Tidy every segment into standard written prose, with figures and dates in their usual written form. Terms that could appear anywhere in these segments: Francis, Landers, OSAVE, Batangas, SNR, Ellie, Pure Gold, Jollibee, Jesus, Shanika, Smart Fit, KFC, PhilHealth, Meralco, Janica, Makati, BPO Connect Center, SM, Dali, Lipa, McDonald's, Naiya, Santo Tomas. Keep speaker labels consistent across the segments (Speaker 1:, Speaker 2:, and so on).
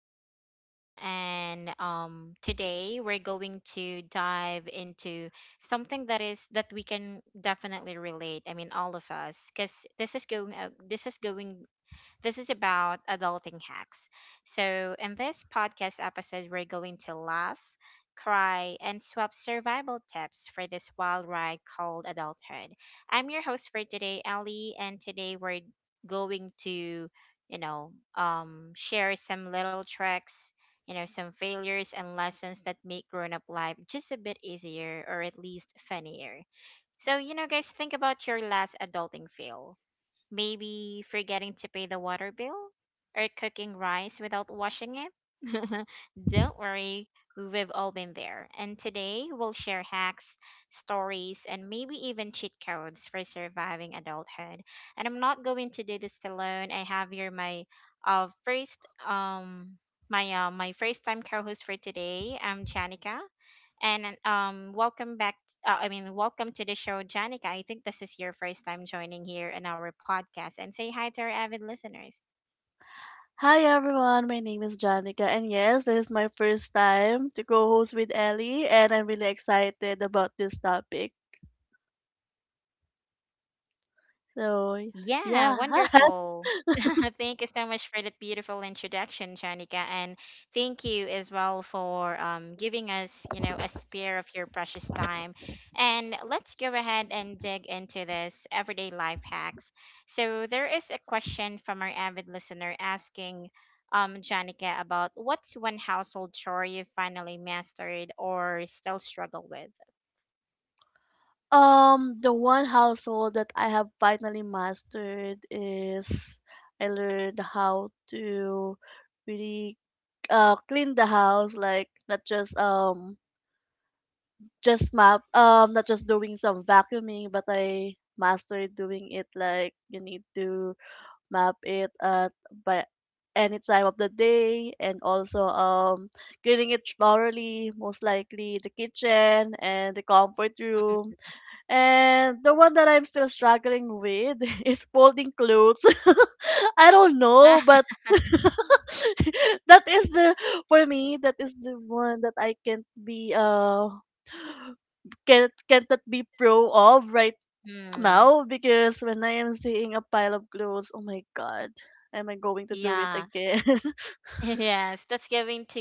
Speaker 1: podcast. And Today we're going to dive into something that we can definitely relate. I mean, all of us, because this is about adulting hacks. So, in this podcast episode, we're going to laugh, cry, and swap survival tips for this wild ride called adulthood. I'm your host for today, Ellie, and today we're going to share some little tricks, you know, some failures and lessons that make grown up life just a bit easier or at least funnier. So, you know, guys, think about your last adulting fail. Maybe forgetting to pay the water bill or cooking rice without washing it. Don't worry, we've all been there. And today we'll share hacks, stories, and maybe even cheat codes for surviving adulthood. And I'm not going to do this alone. I have here my first my my first time co-host for today. I'm Janica. And welcome back. I mean, Welcome to the show, Janica. I think this is your first time joining here in our podcast. And say hi to our avid listeners.
Speaker 2: Hi everyone, my name is Janica, and yes, this is my first time to co host with Ellie, and I'm really excited about this topic. So,
Speaker 1: Yeah,
Speaker 2: yeah.
Speaker 1: wonderful. Thank you so much for that beautiful introduction, Shanika, and thank you as well for giving us, you know, a spare of your precious time. And let's go ahead and dig into this everyday life hacks. So there is a question from our avid listener asking, Shanika, about what's one household chore you finally mastered or still struggle with?
Speaker 2: The one household that I have finally mastered is I learned how to really clean the house, like not just just map not just doing some vacuuming, but I mastered doing it like you need to map it at by any time of the day and also cleaning it thoroughly, most likely the kitchen and the comfort room. And the one that I'm still struggling with is folding clothes. I don't know, but that is the for me, that is the one that I can't be can't that be pro of right
Speaker 1: Hmm.
Speaker 2: now because when I am seeing a pile of clothes, oh my god, am I going to do it
Speaker 1: Yeah.
Speaker 2: again?
Speaker 1: Yes, that's giving to,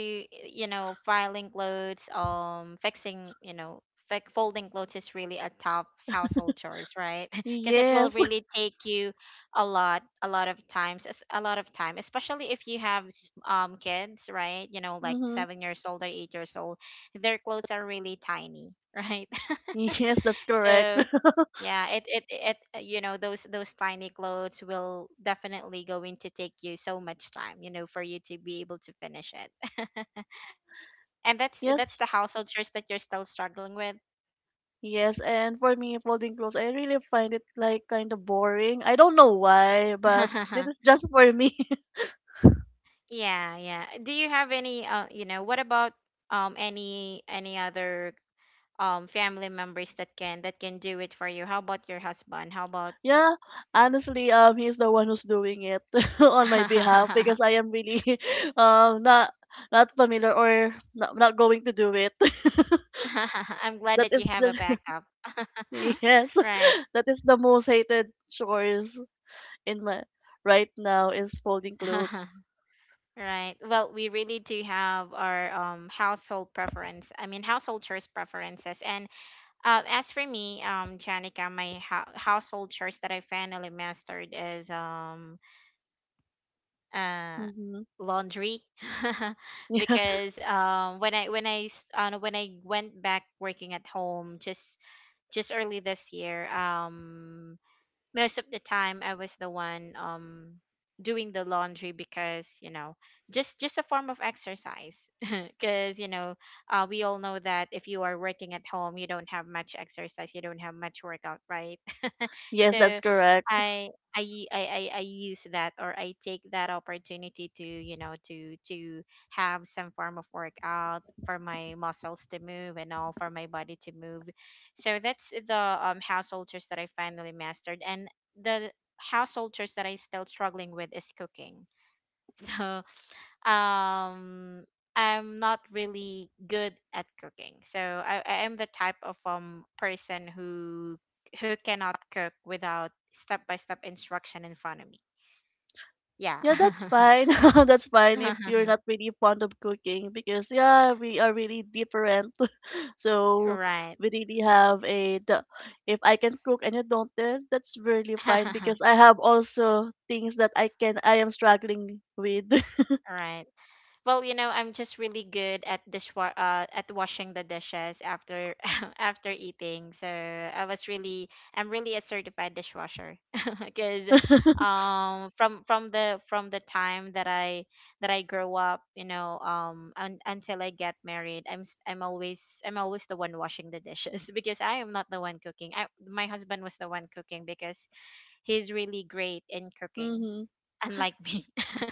Speaker 1: you know, filing clothes, fixing, you know, folding clothes is really a top household chores, right? Because it will
Speaker 2: Yes.
Speaker 1: really take you a lot of times, a lot of time, especially if you have kids, right? You know, like
Speaker 2: Hmm.
Speaker 1: 7 years old or 8 years old, their clothes are really tiny, right?
Speaker 2: Yes, that's correct.
Speaker 1: So yeah, it you know, those tiny clothes will definitely going to take you so much time, you know, for you to be able to finish it. And that's
Speaker 2: Yes.
Speaker 1: the household chores that you're still struggling with.
Speaker 2: Yes, and for me, folding clothes, I really find it like kind of boring. I don't know why, but this is just for me.
Speaker 1: Yeah, yeah. Do you have any you know, what about any other family members that can do it for you? How about your husband? How about
Speaker 2: Yeah, honestly, he's the one who's doing it on my behalf because I am really, um, not not familiar or not going to do it.
Speaker 1: I'm glad
Speaker 2: that
Speaker 1: that you
Speaker 2: is
Speaker 1: have a
Speaker 2: the
Speaker 1: backup.
Speaker 2: Yes,
Speaker 1: Right.
Speaker 2: that is the most hated chores in my right now is folding clothes.
Speaker 1: Right. Well, we really do have our household preference. I mean, household chores preferences. And As for me, Janica, my household chores that I finally mastered is uh
Speaker 2: Mm-hmm.
Speaker 1: laundry,
Speaker 2: Yeah,
Speaker 1: because when I when I went back working at home just early this year, most of the time I was the one doing the laundry, because you know, just a form of exercise, because you know, we all know that if you are working at home, you don't have much exercise, you don't have much workout, right?
Speaker 2: yes, that's
Speaker 1: So
Speaker 2: correct.
Speaker 1: I I u- I I use that, or I take that opportunity to, you know, to have some form of workout for my muscles to move and all for my body to move. So that's the household chores that I finally mastered, and the household chores that I still struggling with is cooking. um I'm not really good at cooking. So I am the type of person who cannot cook without step by step instruction in front of me. Yeah.
Speaker 2: Yeah, that's fine. That's fine if you're not really fond of cooking because yeah, we are really different. So
Speaker 1: Right.
Speaker 2: we really have a the, if I can cook and you don't, then that's really fine because I have also things that I am struggling with.
Speaker 1: Right. Well, you know, I'm just really good at at washing the dishes after after eating. So I was really, I'm really a certified dishwasher because from the time that I grow up, you know, until I get married, I'm always the one washing the dishes because I am not the one cooking. My husband was the one cooking because he's really great in cooking,
Speaker 2: Mm-hmm.
Speaker 1: unlike me.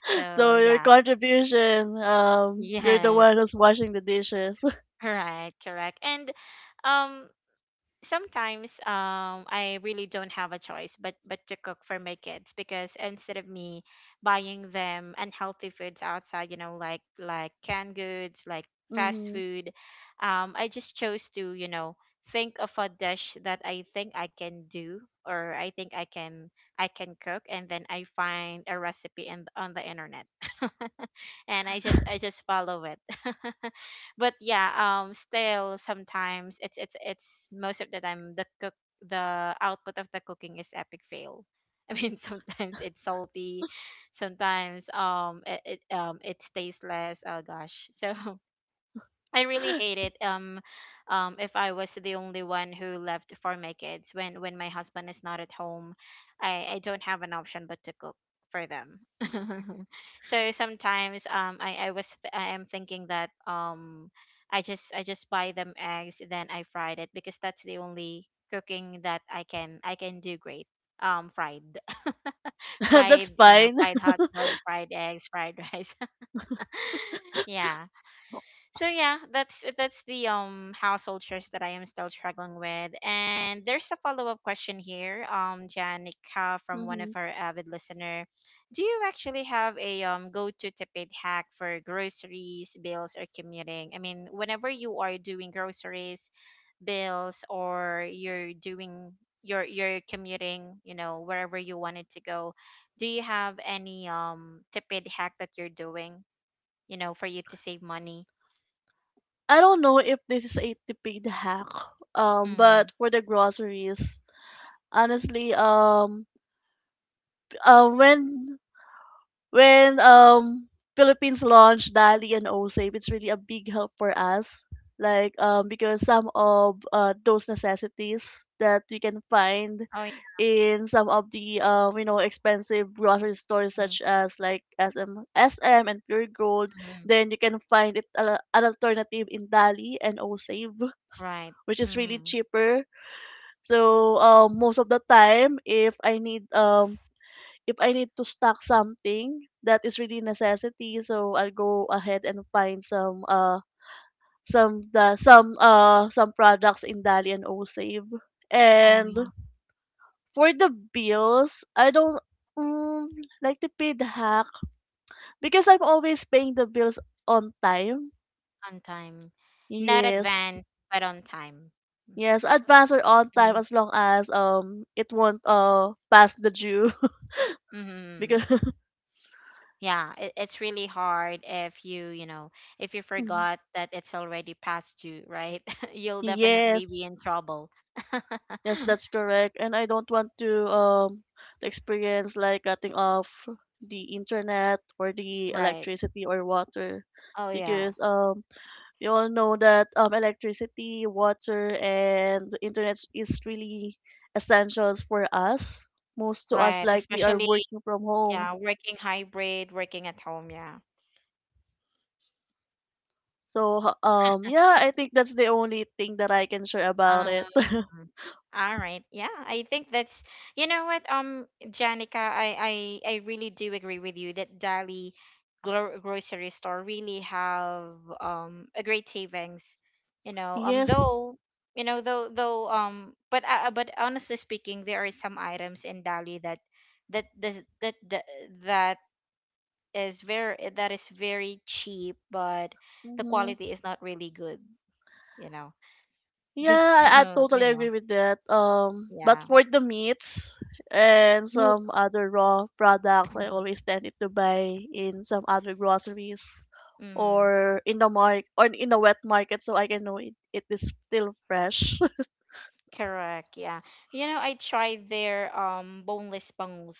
Speaker 1: So
Speaker 2: So your
Speaker 1: yeah.
Speaker 2: contribution, you're the one
Speaker 1: Yes.
Speaker 2: who's washing the dishes.
Speaker 1: Correct, correct. And um Sometimes I really don't have a choice but to cook for my kids, because instead of me buying them unhealthy foods outside, you know, like canned goods, like fast
Speaker 2: Hmm.
Speaker 1: food, I just chose to, you know, think of a dish that I think I can do, or I think I can cook, and then I find a recipe in on the internet. And I just follow it. But yeah, still sometimes it's most of the time the cook the output of the cooking is epic fail. I mean, sometimes it's salty, sometimes it's tasteless. Oh gosh, so I really hate it. If I was the only one who left for my kids, when my husband is not at home, I don't have an option but to cook for them. So sometimes I am thinking that I just buy them eggs then I fried it, because that's the only cooking that I can do great. Fried,
Speaker 2: That's
Speaker 1: fried, you know,
Speaker 2: fine.
Speaker 1: fried hot dogs, fried eggs, fried rice. Yeah, so yeah, that's the household chores that I am still struggling with. And there's a follow-up question here, Janica, from one of
Speaker 2: Hmm.
Speaker 1: our avid listener. Do you actually have a go-to tipid hack for groceries, bills or commuting? I mean, whenever you are doing groceries, bills, or you're doing you're commuting, you know, wherever you wanted to go, do you have any tipid hack that you're doing, you know, for you to save money?
Speaker 2: I don't know if this is a tipid hack,
Speaker 1: Mm-hmm.
Speaker 2: but for the groceries, honestly, uh, when when Philippines launched Dali and OSAVE, it's really a big help for us. Like because some of those necessities that we can find
Speaker 1: Oh, yeah.
Speaker 2: in some of the expensive grocery stores such as like SM, and Pure Gold,
Speaker 1: Mm-hmm.
Speaker 2: then you can find it an alternative in Dali and OSAVE,
Speaker 1: Right.
Speaker 2: which is really
Speaker 1: Mm-hmm.
Speaker 2: cheaper. So most of the time, if I need to stock something that is really necessity, so I'll go ahead and find some the some products in Dali and Osave.
Speaker 1: Oh,
Speaker 2: And
Speaker 1: yeah.
Speaker 2: for the bills, I don't mm, like to pay the hack because I'm always paying the bills on time.
Speaker 1: On time. Not
Speaker 2: Yes.
Speaker 1: advanced, but on time.
Speaker 2: Yes, advance or on time as long as it won't pass the due.
Speaker 1: Mm-hmm.
Speaker 2: Because
Speaker 1: Yeah, it, it's really hard if you, you know, if you forgot that it's already past you, right? You'll
Speaker 2: yes.
Speaker 1: definitely be in trouble.
Speaker 2: Yes, that's correct. And I don't want to experience like cutting off the internet or the
Speaker 1: Right.
Speaker 2: electricity or water
Speaker 1: Oh, yeah.
Speaker 2: because we all know that electricity, water and internet is really essentials for us. Most to us
Speaker 1: Right.
Speaker 2: like we are
Speaker 1: Especially,
Speaker 2: working from home.
Speaker 1: yeah, working hybrid, working at home. Yeah.
Speaker 2: So yeah, I think that's the only thing that I can share about
Speaker 1: Um,
Speaker 2: it.
Speaker 1: mhm. All right. Yeah, I think that's, you know what, Janica, I really do agree with you that Dali grocery store really have a great savings. You know,
Speaker 2: Yes.
Speaker 1: though you know though but honestly speaking, there are some items in Dali that that does that that that that is very cheap, but the
Speaker 2: Mhm.
Speaker 1: quality is not really good. You know,
Speaker 2: Yeah,
Speaker 1: just
Speaker 2: I
Speaker 1: to, you
Speaker 2: totally
Speaker 1: know,
Speaker 2: agree with that. But
Speaker 1: yeah.
Speaker 2: for the meats and
Speaker 1: Mute.
Speaker 2: some other raw products, I
Speaker 1: Mhm.
Speaker 2: always tend to buy in some other groceries
Speaker 1: Mhm.
Speaker 2: or in the market or in the wet market, so I can know it, it is still fresh.
Speaker 1: Correct. Yeah. You know, I tried their boneless bangus.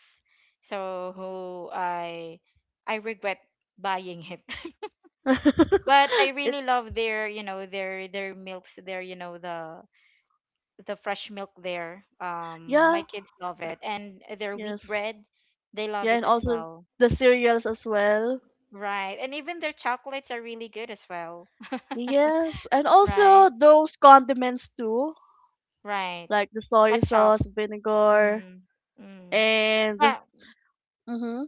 Speaker 1: So who I regret buying it. But I
Speaker 2: It.
Speaker 1: really love their, you know, their milks, their, you know, the fresh milk there.
Speaker 2: Yeah,
Speaker 1: My kids love it, and their wheat
Speaker 2: yes,
Speaker 1: bread, they love
Speaker 2: yeah,
Speaker 1: it
Speaker 2: and
Speaker 1: as
Speaker 2: also
Speaker 1: well.
Speaker 2: the cereals as well.
Speaker 1: Right. And even their chocolates are really good as well.
Speaker 2: Yes, and
Speaker 1: Right.
Speaker 2: also those condiments too,
Speaker 1: Right.
Speaker 2: like the soy
Speaker 1: Ketchup.
Speaker 2: sauce, vinegar,
Speaker 1: Mm. Mm.
Speaker 2: and
Speaker 1: Yeah.
Speaker 2: mm-hmm,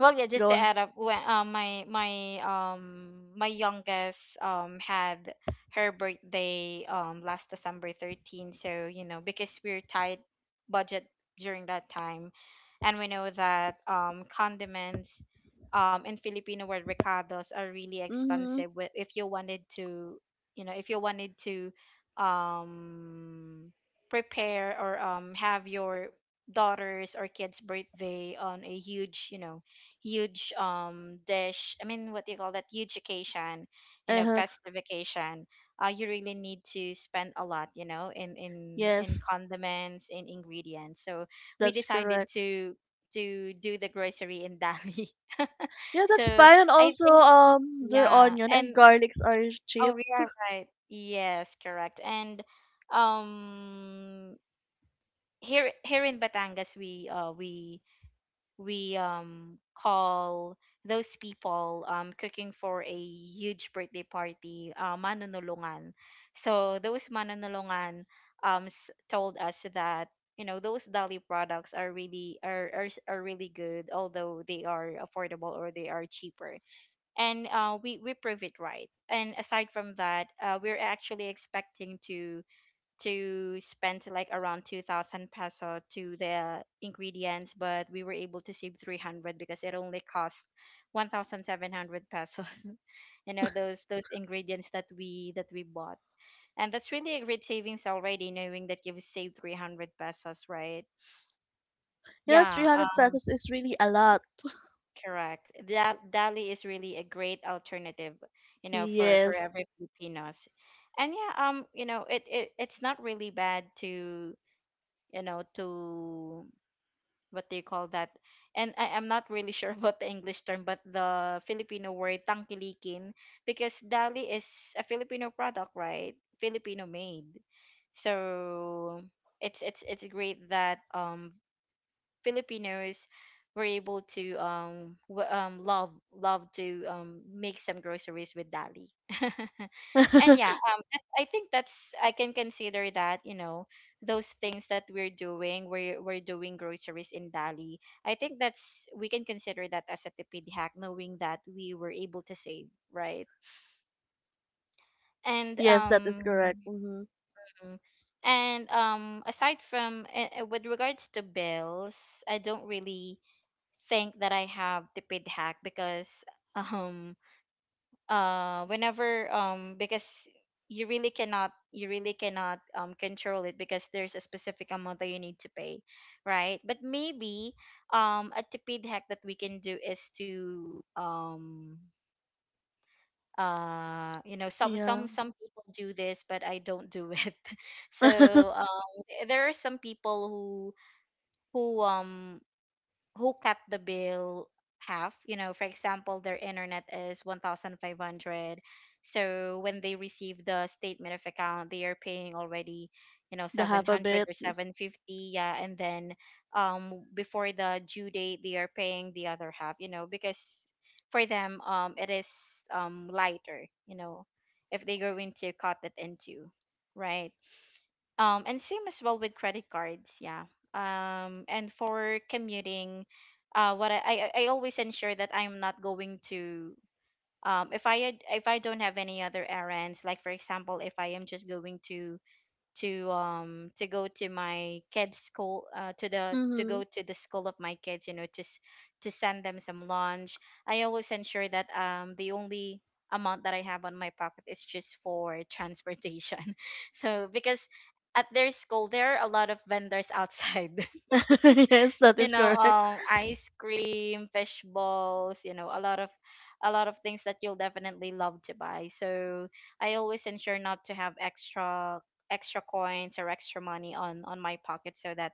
Speaker 1: Well, yeah, just to
Speaker 2: go.
Speaker 1: add up, when my youngest had her birthday last December 13, so you know, because we're tight budget during that time, and we know that condiments in Filipino word recados are really
Speaker 2: Mm-hmm.
Speaker 1: expensive if you wanted to, you know, if you wanted to um prepare, or have your daughters or kids birthday on a huge, you know, huge dish, I mean, what do you call that, huge occasion, you know,
Speaker 2: Uh-huh.
Speaker 1: festive occasion, you really need to spend a lot, you know, in
Speaker 2: Yes,
Speaker 1: condiments, in ingredients, so we
Speaker 2: that's
Speaker 1: decided
Speaker 2: correct.
Speaker 1: to do the grocery in Dali.
Speaker 2: Yeah, that's
Speaker 1: So
Speaker 2: fine. And
Speaker 1: I
Speaker 2: also,
Speaker 1: think,
Speaker 2: their
Speaker 1: yeah,
Speaker 2: onion and
Speaker 1: and
Speaker 2: garlics are cheap.
Speaker 1: oh we are right, yes correct. And um Here here in Batangas, we call those people cooking for a huge birthday party, manonolongan. So those manonolongan told us that, you know, those dali products are really are really good, although they are affordable or they are cheaper. And We prove it, right? And aside from that, we're actually expecting to spend like around 2,000 peso to the ingredients, but we were able to save 300, because it only cost 1,700 pesos. You know, those ingredients that we bought, and that's really a great savings already, knowing that you've saved 300 pesos, right?
Speaker 2: Yes,
Speaker 1: Yeah,
Speaker 2: 300 pesos is really a lot.
Speaker 1: correct, that dali is really a great alternative, you know, for
Speaker 2: Yes.
Speaker 1: every filipinos. And yeah, you know, it it's not really bad to, you know, to what do you call that, and I'm not really sure about the english term, but the filipino word tangkilikin, because dali is a filipino product, right? Filipino made. So it's great that Filipinos were able to love to make some groceries with Dali. And yeah, I think that's I can consider that, you know, those things that we're doing, we're doing groceries in Dali. I think that's we can consider that as a tipid hack, knowing that we were able to save, right? And
Speaker 2: Yes, that is
Speaker 1: um
Speaker 2: correct. Mm-hmm.
Speaker 1: mm, and aside from with regards to bills, I don't really think that I have the pid hack, because um whenever because you really cannot control it, because there's a specific amount that you need to pay, right? But maybe a tipid hack that we can do is to you know, some some
Speaker 2: Yeah.
Speaker 1: some people do this, but I don't do it. So there are some people who um who cut the bill half, you know. For example, their internet is 1500, so when they receive the statement of account, they are paying already, you know,
Speaker 2: The half a
Speaker 1: 700
Speaker 2: bit.
Speaker 1: or 750, yeah. And then before the due date, they are paying the other half, you know, because for them it is lighter, you know, if they go into cut it into. Right. And same as well with credit cards, yeah. And for commuting, what, I always ensure that I'm not going to, if if I don't have any other errands, like for example, if I am just going to go to my kids school, to
Speaker 2: Mm-hmm.
Speaker 1: go to the school of my kids, you know, to send them some lunch. I always ensure that the only amount that I have on my pocket is just for transportation. So, because at their school there are a lot of vendors outside,
Speaker 2: Yes, that
Speaker 1: you
Speaker 2: is
Speaker 1: know,
Speaker 2: correct.
Speaker 1: ice cream, fish balls, you know, a lot of things that you'll definitely love to buy. So I always ensure not to have extra coins or extra money on my pocket, so that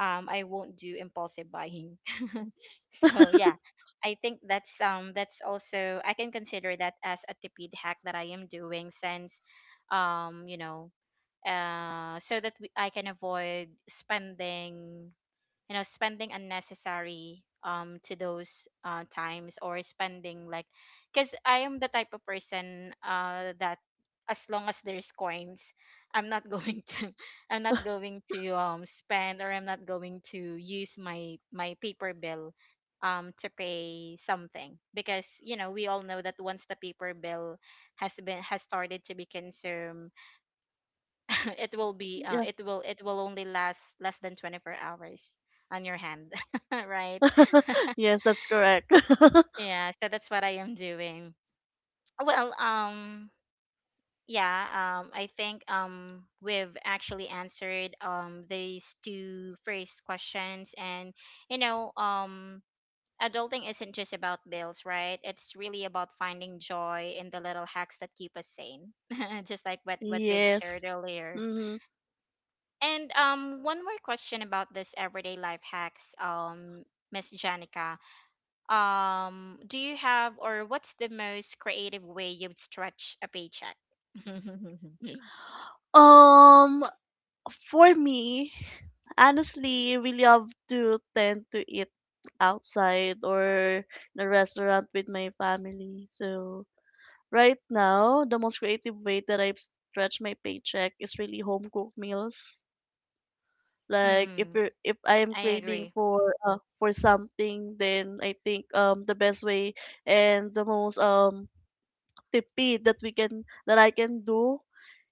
Speaker 1: I won't do impulsive buying. So yeah, I think that's also I can consider that as a tipid hack that I am doing, since you know, so that I can avoid spending, you know, spending unnecessary to those times, or spending like, because I am the type of person that, as long as there's coins, I'm not going to, I'm not going to spend, or I'm not going to use my paper bill to pay something, because you know we all know that once the paper bill has started to be consumed, it will be
Speaker 2: Yeah.
Speaker 1: it will only last less than 24 hours on your hand. Right.
Speaker 2: Yes, that's correct.
Speaker 1: Yeah, so that's what I am doing. Well, yeah. I think we've actually answered these two first questions, and you know, adulting isn't just about bills, right? It's really about finding joy in the little hacks that keep us sane, just like what we've shared
Speaker 2: Yes.
Speaker 1: earlier.
Speaker 2: Mm-hmm.
Speaker 1: And, one more question about this everyday life hacks, Miss Janica. Do you have, or what's the most creative way you'd stretch a paycheck?
Speaker 2: Um, for me, honestly, really have to tend to eat outside or in a restaurant with my family. So right now, the most creative way that I've stretched my paycheck is really home cooked meals. Like
Speaker 1: Mm.
Speaker 2: if I
Speaker 1: I
Speaker 2: am
Speaker 1: agree.
Speaker 2: craving for something, then I think the best way and the most tippy that I can do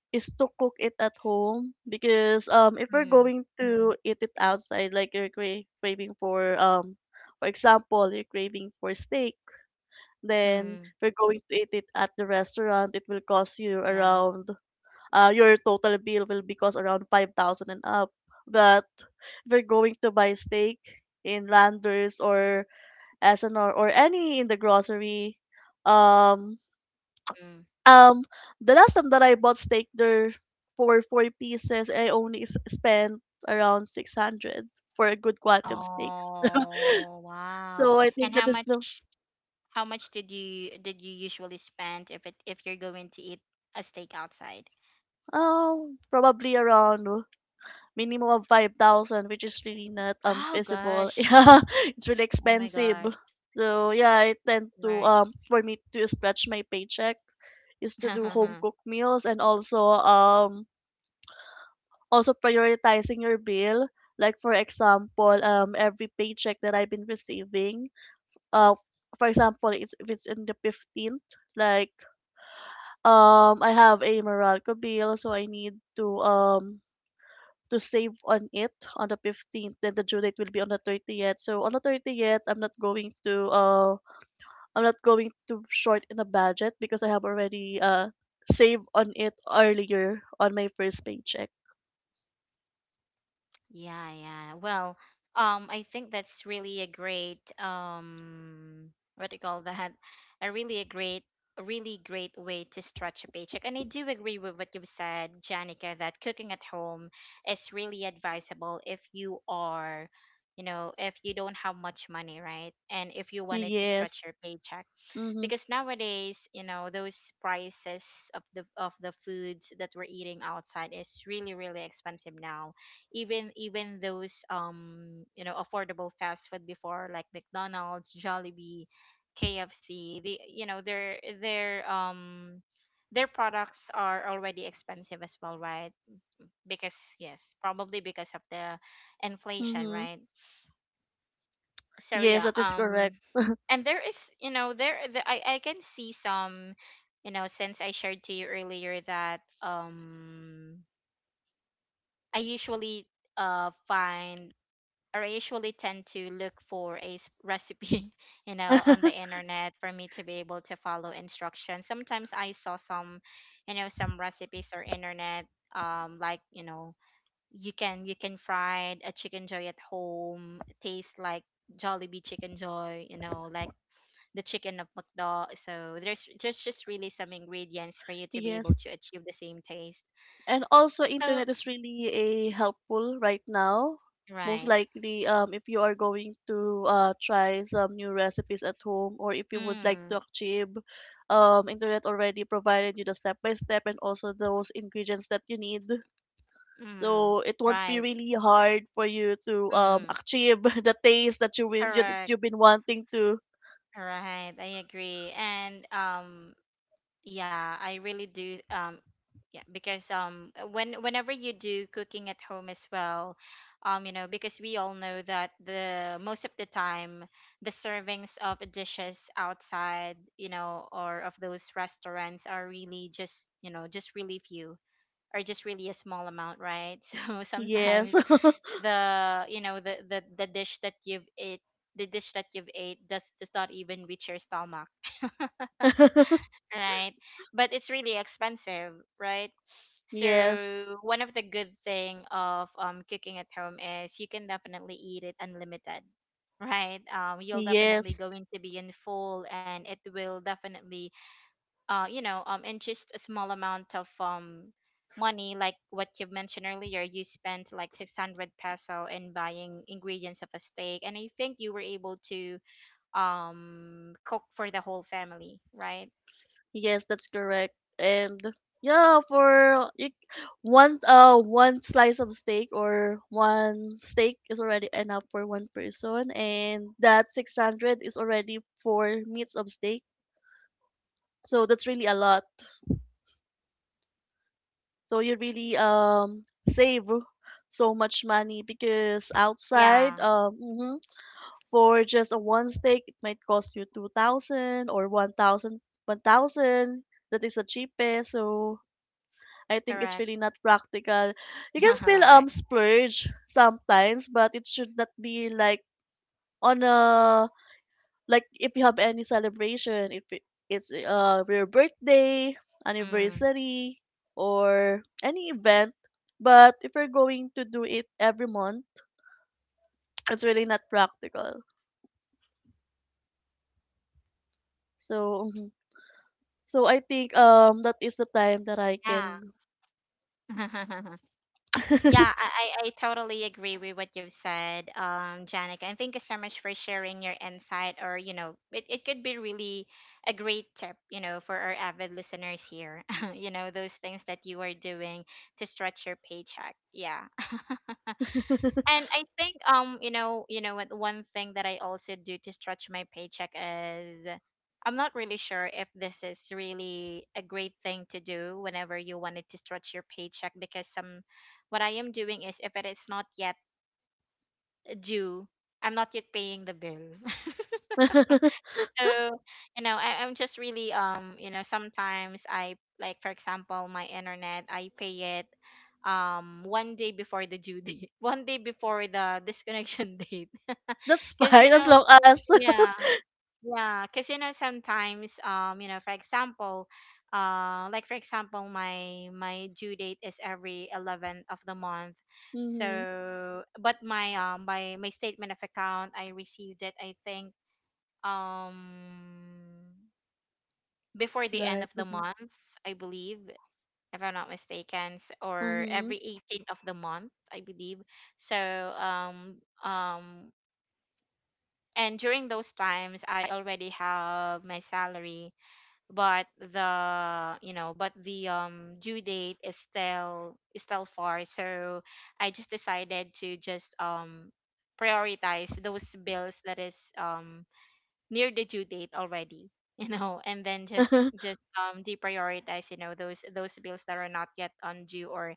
Speaker 2: is to cook it at home because if we're
Speaker 1: Mm.
Speaker 2: going to eat it outside, like you're craving for, for example, you're craving for steak, then
Speaker 1: Mm,
Speaker 2: we are going to eat it at the restaurant, it will cost you
Speaker 1: yeah.
Speaker 2: around your total bill will be cost around 5000 and up. But if you're going to buy steak in Landers or SNR or any in the grocery, um
Speaker 1: Mm.
Speaker 2: um, the last time that I bought steak there for four pieces, I only spent around 600 for a good quality of steak.
Speaker 1: Oh, wow!
Speaker 2: So I
Speaker 1: And
Speaker 2: think
Speaker 1: how
Speaker 2: that is the
Speaker 1: much? How much did you usually spend, if you're going to eat a steak outside?
Speaker 2: probably around minimum of 5,000, which is really not
Speaker 1: Oh,
Speaker 2: feasible.
Speaker 1: gosh!
Speaker 2: Yeah, it's really
Speaker 1: Oh my
Speaker 2: expensive.
Speaker 1: gosh!
Speaker 2: So yeah, I tend to
Speaker 1: Right.
Speaker 2: for me to stretch my paycheck is to do home cooked meals, and also also prioritizing your bill. Like for example, every paycheck that I've been receiving, uh, for example, if it's in the 15th, like I have a Meralco bill, so I need to save on it on the 15th. Then the due date will be on the 30th. So on the 30th, I'm not going to short in a budget because I have already saved on it earlier on my first paycheck.
Speaker 1: Yeah, yeah. Well, I think that's really a great, what do you call that? A really a great, a really great way to stretch a paycheck. And I do agree with what you've said, Janica, that cooking at home is really advisable if you are, you know, if you don't have much money, right? And if you wanted to stretch
Speaker 2: Yes.
Speaker 1: your paycheck,
Speaker 2: Mhm.
Speaker 1: because nowadays you know those prices of the foods that we're eating outside is really really expensive now. Even those, you know, affordable fast food before, like McDonald's, Jollibee, KFC, the, you know, their their products are already expensive as well, right? Because, yes, probably because of the inflation,
Speaker 2: Mhm.
Speaker 1: right? So
Speaker 2: Yes,
Speaker 1: yeah,
Speaker 2: that is correct.
Speaker 1: and there is, you know, there, I can see some, you know, since I shared to you earlier that I usually uh find tend to look for a recipe you know, on the internet, for me to be able to follow instructions. Sometimes I saw some, you know, some recipes or internet, like you know, you can fry a chicken joy at home, taste like Jollibee chicken joy, you know, like the chicken of McDo. So there's just really some ingredients for you to be
Speaker 2: Yes.
Speaker 1: able to achieve the same taste.
Speaker 2: And also
Speaker 1: So,
Speaker 2: internet is really a helpful right now. Most
Speaker 1: right.
Speaker 2: likely, if you are going to try some new recipes at home, or if you would like
Speaker 1: Mm.
Speaker 2: to achieve, internet already provided you the step by step and also those ingredients that you need.
Speaker 1: Mm,
Speaker 2: So it won't be
Speaker 1: right.
Speaker 2: really hard for you to
Speaker 1: Mm,
Speaker 2: achieve the taste that
Speaker 1: correct.
Speaker 2: you've been wanting to.
Speaker 1: Right. I agree. And yeah, I really do. Yeah, because whenever you do cooking at home as well, you know, because we all know that the most of the time, the servings of dishes outside, you know, or of those restaurants are really just, you know, just really few, or just really a small amount, right? So
Speaker 2: Yes.
Speaker 1: sometimes the dish that you've ate, the dish that you've ate does not even reach your stomach, right? But it's really expensive, right?
Speaker 2: Yes.
Speaker 1: So one of the good thing of cooking at home is, you can definitely eat it unlimited, right? You'll definitely
Speaker 2: Yes.
Speaker 1: going to be in full, and it will definitely you know, in just a small amount of money, like what you mentioned earlier. You spent like 600 peso in buying ingredients of a steak, and I think you were able to cook for the whole family, right?
Speaker 2: Yes, that's correct. And yeah, for it, one slice of steak or one steak is already enough for one person, and that 600 is already for meats of steak. So that's really a lot. So you really save so much money because outside
Speaker 1: Yeah,
Speaker 2: for just a one steak it might cost you 2000 or one thousand. That is the cheapest. So I think it's
Speaker 1: correct.
Speaker 2: really not practical. You can still
Speaker 1: Right.
Speaker 2: splurge sometimes, but it should not be like on a, like if you have any celebration, if it's your birthday,
Speaker 1: Mm.
Speaker 2: anniversary, or any event. But if you're going to do it every month, it's really not practical. So so I think that is the time that I
Speaker 1: Yeah.
Speaker 2: can.
Speaker 1: Yeah, I totally agree with what you've said, Janica. And thank you so much for sharing your insight, or, you know, it could be really a great tip, you know, for our avid listeners here. You know, those things that you are doing to stretch your paycheck. Yeah. And I think, you know, you know what, one thing that I also do to stretch my paycheck is, I'm not really sure if this is really a great thing to do whenever you wanted to stretch your paycheck, because some what I am doing is, if it is not yet due, I'm not yet paying the bill. So you know, I'm just really, you know, sometimes I, like for example, my internet I pay it one day before the due date, one day before the disconnection date,
Speaker 2: That's
Speaker 1: because you
Speaker 2: fine as
Speaker 1: know.
Speaker 2: long as.
Speaker 1: Yeah, yeah. Because you know sometimes, you know, for example, like for example, my due date is every 11th of the month.
Speaker 2: Hmm.
Speaker 1: So, but my statement of account, I received it I think um before the end
Speaker 2: Like.
Speaker 1: of the month, I believe, if I'm not mistaken, or
Speaker 2: Mm-hmm.
Speaker 1: every 18th of the month, I believe. So, um um and during those times, I already have my salary, but but the due date is still far. So I just decided to just prioritize those bills that is near the due date already. You know, and then just deprioritize, you know, those bills that are not yet on due, or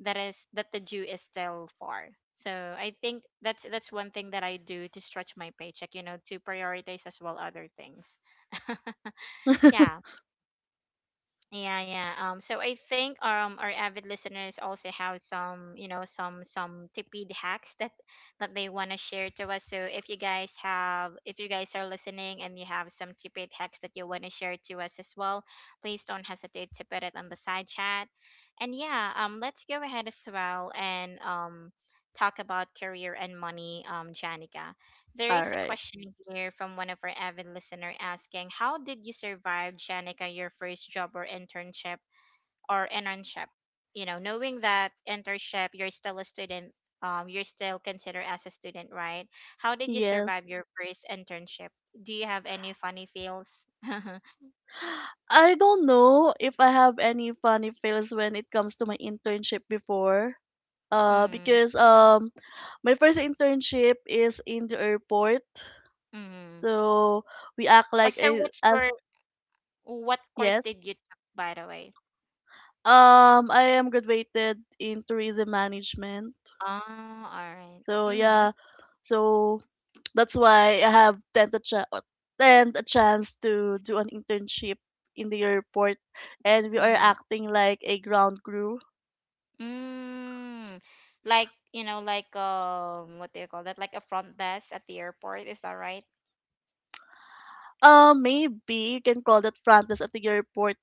Speaker 1: that the due is still far. So I think that's one thing that I do to stretch my paycheck, you know, to prioritize as well other things. Yeah. Yeah, yeah. So I think our avid listeners also have some, you know, some tipid hacks that they want to share to us. So if you guys have, if you guys are listening and you have some tipid hacks that you want to share to us as well, please don't hesitate to put it on the side chat. And yeah, let's go ahead as well and talk about career and money, Janica. There
Speaker 2: All
Speaker 1: is a
Speaker 2: right.
Speaker 1: question here from one of our avid listener asking, "How did you survive, Shanika, your first job or internship or internship? You know, knowing that internship, you're still a student, you're still considered as a student, right? How did you
Speaker 2: Yes.
Speaker 1: survive your first internship? Do you have any funny feels?"
Speaker 2: I don't know if I have any funny fails when it comes to my internship before.
Speaker 1: Mm.
Speaker 2: Because my first internship is in the airport,
Speaker 1: Mm.
Speaker 2: so we act
Speaker 1: Oh,
Speaker 2: like
Speaker 1: so
Speaker 2: a, as.
Speaker 1: what course
Speaker 2: Yes.
Speaker 1: did you took, by the way?
Speaker 2: I am graduated in tourism management.
Speaker 1: Oh, all right.
Speaker 2: So
Speaker 1: Mm-hmm.
Speaker 2: yeah. So that's why I have tend a chance to do an internship in the airport, and we are
Speaker 1: Mm-hmm.
Speaker 2: acting like a ground crew.
Speaker 1: Mm, like, you know, like, what do you call that? Like a front desk at the airport, is that right?
Speaker 2: Maybe you can call that Francis at the airport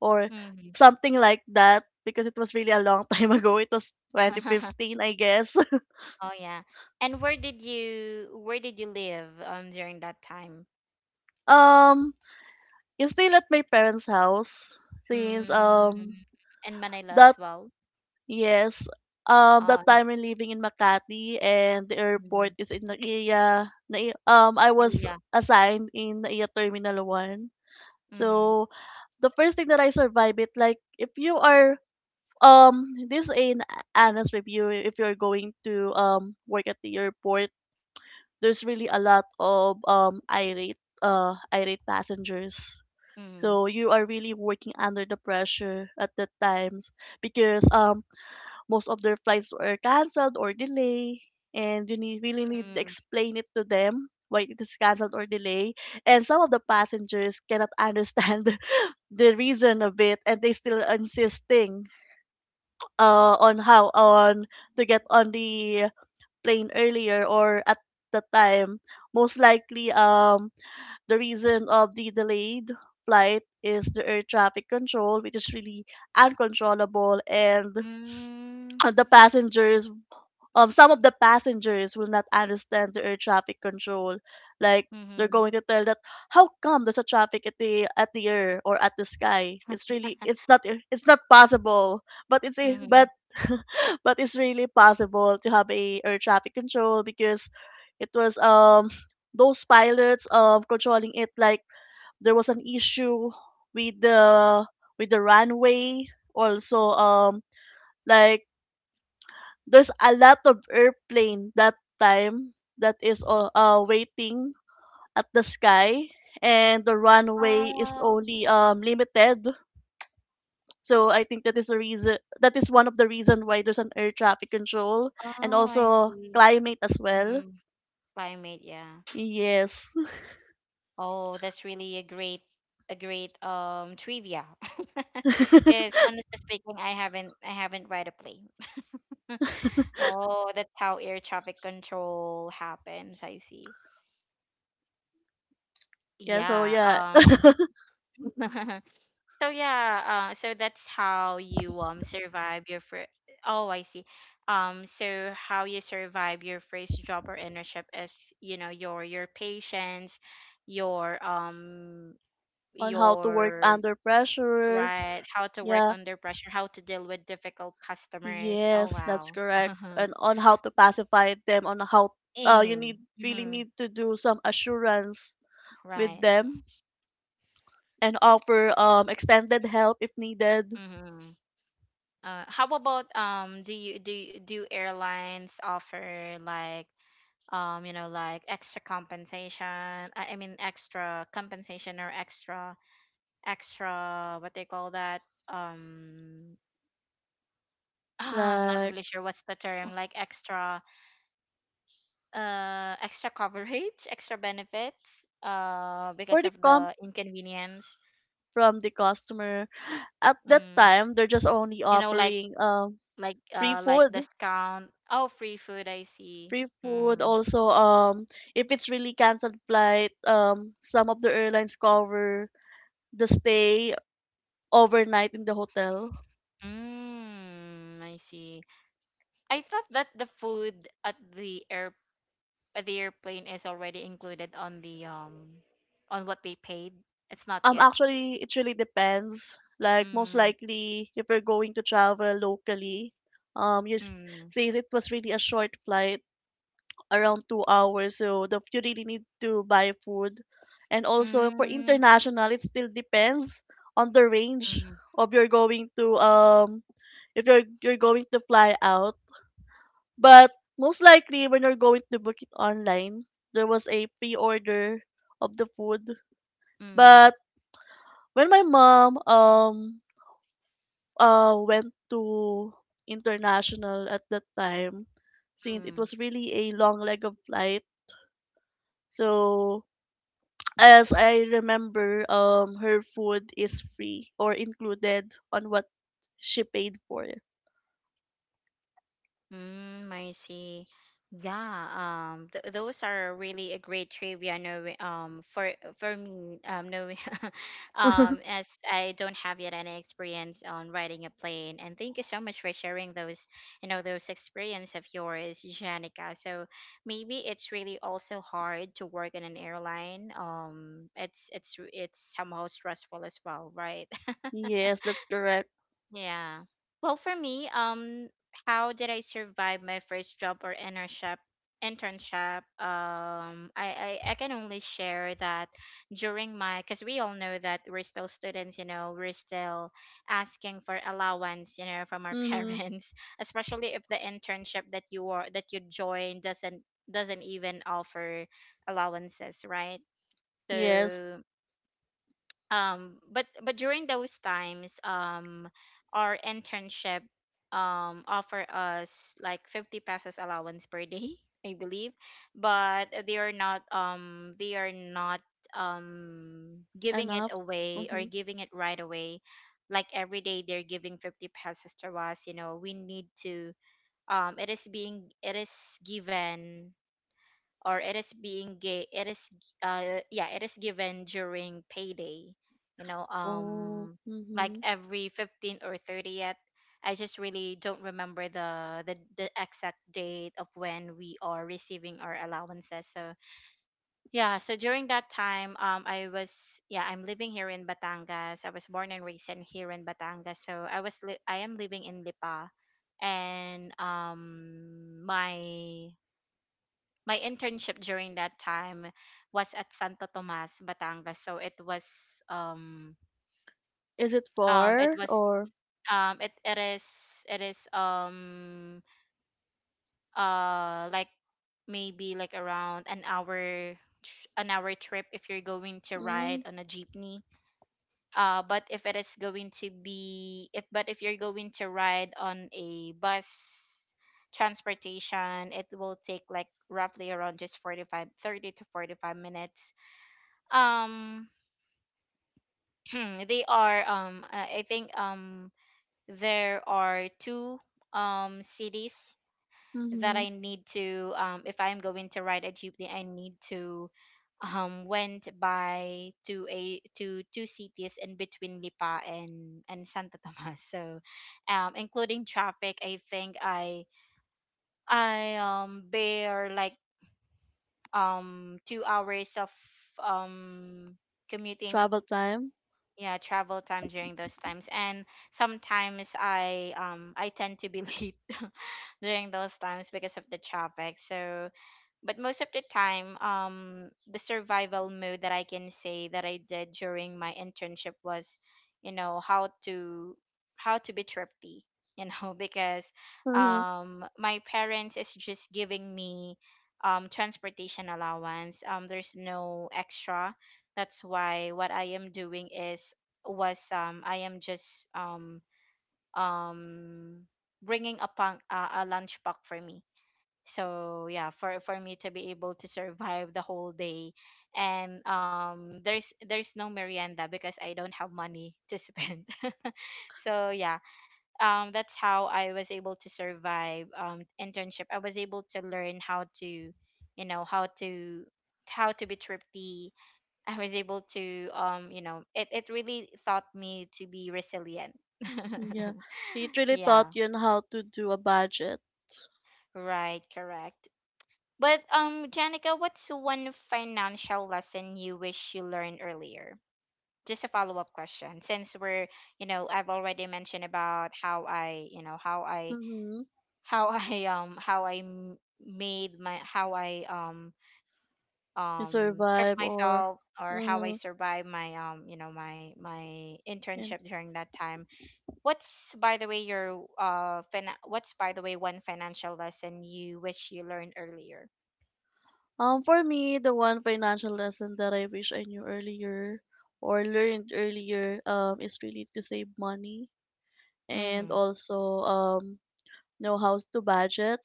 Speaker 2: or
Speaker 1: Mm-hmm.
Speaker 2: something like that because it was really a long time ago. It was 2015, I guess.
Speaker 1: Oh yeah. And where did you live during that time?
Speaker 2: um, it's still at my parents' house since
Speaker 1: Mm, in Manila
Speaker 2: the
Speaker 1: as well.
Speaker 2: yes.
Speaker 1: Oh,
Speaker 2: That time I'm living in Makati and the
Speaker 1: mm-hmm.
Speaker 2: airport is in Naiya. Nai I was
Speaker 1: Yeah.
Speaker 2: assigned in Naiya Terminal 1.
Speaker 1: Mm-hmm.
Speaker 2: So the first thing that I survive it, like if you are this is an honest review, if you're going to work at the airport, there's really a lot of irate passengers. So you are really working under the pressure at the times because most of their flights were canceled or delayed and really need to
Speaker 1: Mm-hmm.
Speaker 2: explain it to them why it is canceled or delayed, and some of the passengers cannot understand the reason of it, and they still insisting on how on to get on the plane earlier or at the time. Most likely the reason of the delayed flight is the air traffic control, which is really uncontrollable. And
Speaker 1: Mm-hmm.
Speaker 2: the passengers, some of the passengers will not understand the air traffic control. Like, they're
Speaker 1: Mm-hmm.
Speaker 2: going to tell that how come there's a traffic at the air or at the sky. It's really, it's not possible. but it's a
Speaker 1: Mm-hmm.
Speaker 2: but but it's really possible to have a air traffic control because it was those pilots controlling it. Like, there was an issue with the with the runway also. Like, there's a lot of airplane that time that is all waiting at the sky, and the runway is
Speaker 1: Oh,
Speaker 2: only limited. So I think that is a reason, that is one of the reason why there's an air traffic control, and
Speaker 1: oh, I
Speaker 2: also
Speaker 1: see.
Speaker 2: climate as well.
Speaker 1: Mm-hmm. Climate, yeah.
Speaker 2: Yes.
Speaker 1: Oh, that's really a great trivia. Because honestly speaking, I haven't read a play. Oh, that's how air traffic control happens. I see.
Speaker 2: Yeah, so
Speaker 1: Yeah.
Speaker 2: yeah.
Speaker 1: So yeah. So that's how you survive your first. Oh, I see. So how you survive your first job or internship is you know your patience, your um
Speaker 2: On how to work
Speaker 1: your
Speaker 2: under pressure.
Speaker 1: Right. How to work
Speaker 2: Yeah,
Speaker 1: under pressure, how to deal with difficult customers. Oh,
Speaker 2: yes, that's
Speaker 1: wow.
Speaker 2: correct. And on how to pacify them, on how, you
Speaker 1: Mm,
Speaker 2: need really
Speaker 1: mhm,
Speaker 2: need to do some assurance with
Speaker 1: right.
Speaker 2: them, and offer extended help if needed,
Speaker 1: Mm-hmm. How about do airlines offer like you know like extra compensation? I mean extra compensation or extra what they call that? Um ah, I'm not
Speaker 2: like
Speaker 1: really sure what's the term like extra coverage, extra benefits,
Speaker 2: for
Speaker 1: because
Speaker 2: the
Speaker 1: of
Speaker 2: comp
Speaker 1: the inconvenience.
Speaker 2: from the customer. At that
Speaker 1: Mm,
Speaker 2: time, they're just only
Speaker 1: you know, like
Speaker 2: offering free
Speaker 1: like
Speaker 2: food,
Speaker 1: discount. Oh, free food. I see.
Speaker 2: free food.
Speaker 1: Mm.
Speaker 2: Also, if it's really canceled flight, some of the airlines cover the stay overnight in the hotel.
Speaker 1: Mm, I see. I thought that the food at the air at the airplane is already included on the on what they paid. It's not yet.
Speaker 2: Actually, it really depends. Like most
Speaker 1: Mm,
Speaker 2: likely, if you're going to travel locally, um, you s-
Speaker 1: mm,
Speaker 2: since it was really a short flight around 2 hours. So the you really need to buy food. And also for
Speaker 1: mm,
Speaker 2: international, it still depends on the range
Speaker 1: mm,
Speaker 2: of you're going to if you're going to fly out. But most likely when you're going to book it online, there was a pre-order of the food.
Speaker 1: mm,
Speaker 2: But when my mom went to international at that time, since it
Speaker 1: mm.
Speaker 2: was really a long leg of flight, so as I remember, her food is free or included on what she paid for.
Speaker 1: Mm, I see. Yeah, th those are really a great trivia knowing, for me, knowing, as I don't have yet any experience on riding a plane. And thank you so much for sharing those, you know, those experience of yours, Janica. So maybe it's really also hard to work in an airline. It's it's somehow stressful as well, right?
Speaker 2: Yes, that's correct.
Speaker 1: Yeah. Well, for me, how did I survive my first job or internship? Internship. I can only share that because we all know that we're still students. You know, we're still asking for allowance. You know, from our
Speaker 2: Mm-hmm.
Speaker 1: parents, especially if the internship that you join doesn't even offer allowances, right?
Speaker 2: Yes,
Speaker 1: So but during those times our internship offer us like 50 pesos allowance per day I believe, but they are not giving it
Speaker 2: enough.
Speaker 1: away or
Speaker 2: Mm-hmm.
Speaker 1: giving it right away like every day they're giving 50 pesos to us. You know, we need to it is being it is given or it is being gay it is g- yeah, it is given during payday, you know,
Speaker 2: Oh,
Speaker 1: like
Speaker 2: mm-hmm.
Speaker 1: every 15th or 30th. I just really don't remember the exact date of when we are receiving our allowances. So yeah, so during that time, I was yeah, I'm living here in Batangas. I was born and raised in here in Batangas, so I am living in Lipa, and my my internship during that time was at Santo Tomas, Batangas. So it was um
Speaker 2: Is it
Speaker 1: it
Speaker 2: far
Speaker 1: was
Speaker 2: or
Speaker 1: it is it is um like maybe like around an hour trip if you're going to ride
Speaker 2: mm,
Speaker 1: on a jeepney. But if it is going to be if but if you're going to ride on a bus transportation, it will take like roughly around just 45, 30 to 45 minutes. um they are I think there are two cities that
Speaker 2: mm-hmm.
Speaker 1: I need to if I'm going to ride a jeepney, I need to went by to a to two cities in between Lipa and Santa Tomas. So including traffic, I think I bear like 2 hours of um commuting.
Speaker 2: Travel time?
Speaker 1: Yeah, travel time during those times. And sometimes I tend to be late during those times because of the traffic. So but most of the time, the survival mode that I can say that I did during my internship was you know how to be thrifty, you know, because
Speaker 2: Mm-hmm.
Speaker 1: my parents is just giving me transportation allowance. There's no extra. That's why what I am doing is was I am just um bringing a lunch pack for me. So yeah, for me to be able to survive the whole day. And there's no merienda because I don't have money to spend. So yeah, that's how I was able to survive internship. I was able to learn how to you know how to be thrifty. I was able to you know it really taught me to be resilient.
Speaker 2: Yeah, it really
Speaker 1: Yeah,
Speaker 2: taught you on how to do a budget.
Speaker 1: right, correct. But Janica, what's one financial lesson you wish you learned earlier? Just a follow up question, since we're you know I've already mentioned about how I you know how I
Speaker 2: Mm-hmm.
Speaker 1: how I m- made my how I
Speaker 2: You
Speaker 1: trip
Speaker 2: survive or
Speaker 1: myself or how I
Speaker 2: mhm.
Speaker 1: survived my you know my my
Speaker 2: And
Speaker 1: internship during that time. What's by the way your what's by the way one financial lesson you wish you learned earlier?
Speaker 2: for me, the one financial lesson that I wish I knew earlier or learned earlier is really to save money, and
Speaker 1: Mm-hmm.
Speaker 2: also um know how to budget.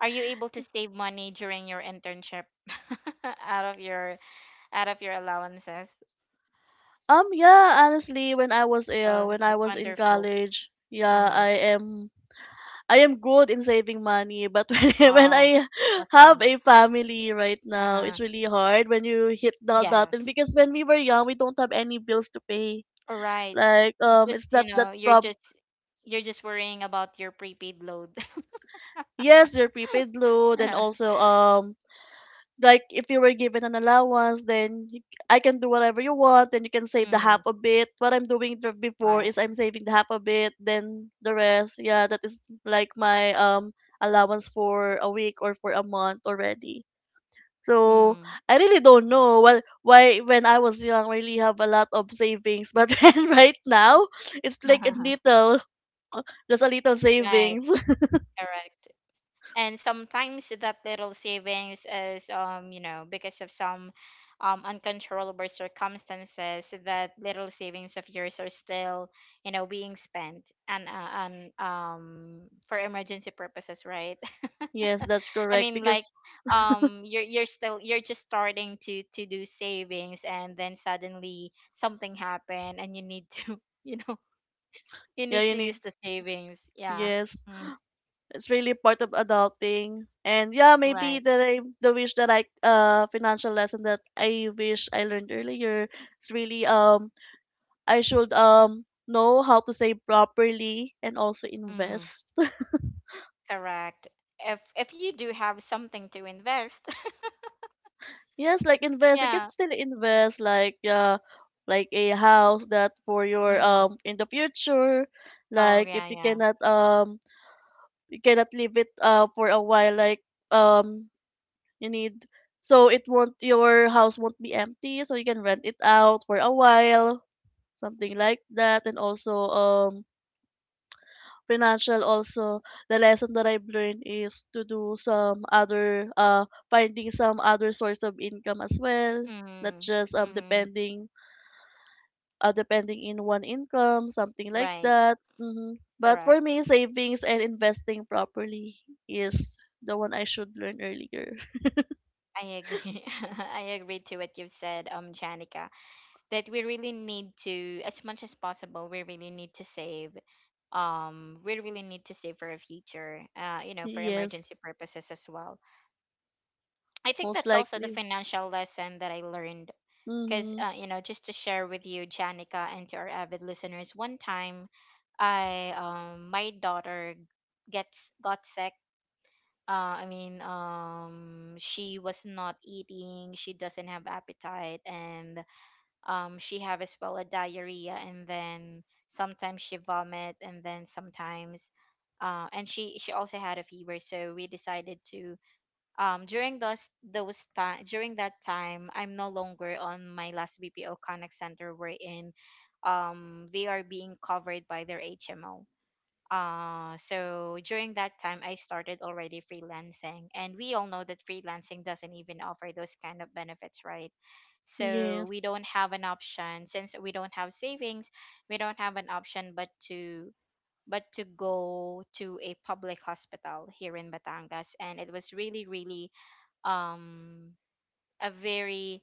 Speaker 1: Are you able to save money during your internship out of your out of your allowances?
Speaker 2: Yeah, honestly when I was
Speaker 1: Oh, that's
Speaker 2: in
Speaker 1: wonderful.
Speaker 2: college, yeah,
Speaker 1: Uh-huh.
Speaker 2: I am good in saving money, but when I
Speaker 1: Wow.
Speaker 2: have
Speaker 1: Awesome.
Speaker 2: a family right now,
Speaker 1: Uh-huh.
Speaker 2: it's really hard when you hit the button,
Speaker 1: Yes.
Speaker 2: because when we were young, we don't have any bills to pay.
Speaker 1: All right.
Speaker 2: Like,
Speaker 1: Just,
Speaker 2: it's
Speaker 1: you
Speaker 2: not that
Speaker 1: know,
Speaker 2: prob.
Speaker 1: you're just worrying about your prepaid load.
Speaker 2: Yes, your prepaid load, and also, like if you were given an allowance, then you, I can do whatever you want. Then you can save the
Speaker 1: Mm,
Speaker 2: half of it. What I'm doing before
Speaker 1: right.
Speaker 2: is I'm saving the half of it, then the rest. Yeah, that is like my allowance for a week or for a month already. So
Speaker 1: Mm.
Speaker 2: I really don't know what why when I was young I really have a lot of savings, but then right now it's like a little, just a little
Speaker 1: Right.
Speaker 2: savings.
Speaker 1: Correct. And sometimes that little savings is you know because of some uncontrollable circumstances, that little savings of yours are still you know being spent and for emergency purposes, right.
Speaker 2: Yes, that's
Speaker 1: I
Speaker 2: correct.
Speaker 1: mean like
Speaker 2: Because
Speaker 1: you're still you're just starting to do savings, and then suddenly something happened and you need to you know you
Speaker 2: yeah,
Speaker 1: need
Speaker 2: you
Speaker 1: to
Speaker 2: need.
Speaker 1: use the savings. Yeah,
Speaker 2: Yes,
Speaker 1: mm,
Speaker 2: it's really part of adulting. And yeah, maybe
Speaker 1: right.
Speaker 2: that I the wish that I financial lesson that I wish I learned earlier is really I should know how to save properly and also
Speaker 1: Mm.
Speaker 2: invest.
Speaker 1: Correct. If you do have something to invest.
Speaker 2: Yes, like invest. You can
Speaker 1: Yeah.
Speaker 2: still invest like a house that for your
Speaker 1: Mm.
Speaker 2: in the future.
Speaker 1: Oh
Speaker 2: Like if
Speaker 1: yeah,
Speaker 2: you
Speaker 1: yeah.
Speaker 2: cannot you cannot leave it for a while, like um you need, so it won't your house won't be empty, so you can rent it out for a while, something like that. And also financial also the lesson that I've learned is to do some other finding some other source of income as well. Not
Speaker 1: Mm.
Speaker 2: just
Speaker 1: Mm.
Speaker 2: depending depending in one income, something like
Speaker 1: Right.
Speaker 2: that. Hmm. But for
Speaker 1: Correct.
Speaker 2: me, savings and investing properly is the one I should learn earlier.
Speaker 1: I agree. I agree to what you've said, Janica, that we really need to, as much as possible, we really need to save. We really need to save for a future, you know, for
Speaker 2: Yes,
Speaker 1: emergency purposes as well. I think
Speaker 2: most
Speaker 1: that's also the
Speaker 2: likely.
Speaker 1: financial lesson that I learned. Because,
Speaker 2: Mm-hmm.
Speaker 1: you know, just to share with you, Janica, and to our avid listeners, one time I my daughter gets got sick. I mean, she was not eating. She doesn't have appetite, and she have as well a diarrhea, and then sometimes she vomit, and then sometimes, and she also had a fever. So we decided to during those time during that time, I'm no longer on my last BPO Connect Center. We're in, they are being covered by their HMO. So during that time, I started already freelancing, and we all know that freelancing doesn't even offer those kind of benefits, right? So
Speaker 2: Yes.
Speaker 1: we don't have an option since we don't have savings. We don't have an option but to go to a public hospital here in Batangas, and it was really, really um a very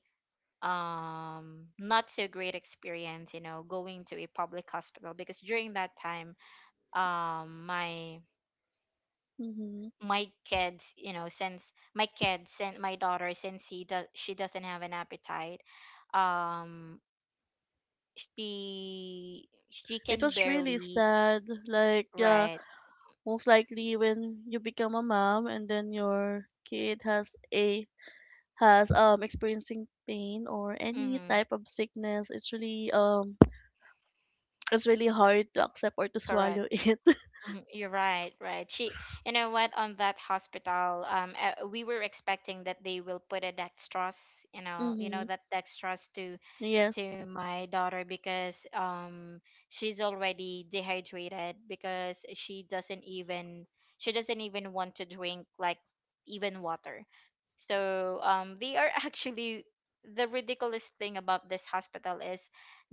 Speaker 1: not so great experience, you know, going to a public hospital. Because during that time, um my
Speaker 2: Hmm.
Speaker 1: my kids, you know, since my kids and my daughter, since he does she doesn't have an appetite, um she
Speaker 2: It
Speaker 1: can
Speaker 2: was really
Speaker 1: barely
Speaker 2: sad. Like, yeah,
Speaker 1: right
Speaker 2: most likely when you become a mom and then your kid has a has experiencing pain or any
Speaker 1: mm-hmm,
Speaker 2: type of sickness, it's really hard to accept or to
Speaker 1: correct
Speaker 2: swallow it.
Speaker 1: Mhm. You're right, right. She, you know what, on that hospital, we were expecting that they will put a dextrose, you know,
Speaker 2: Mm-hmm.
Speaker 1: that dextrose
Speaker 2: Yes.
Speaker 1: to my daughter because she's already dehydrated because she doesn't even want to drink like even water. So they are actually, the ridiculous thing about this hospital is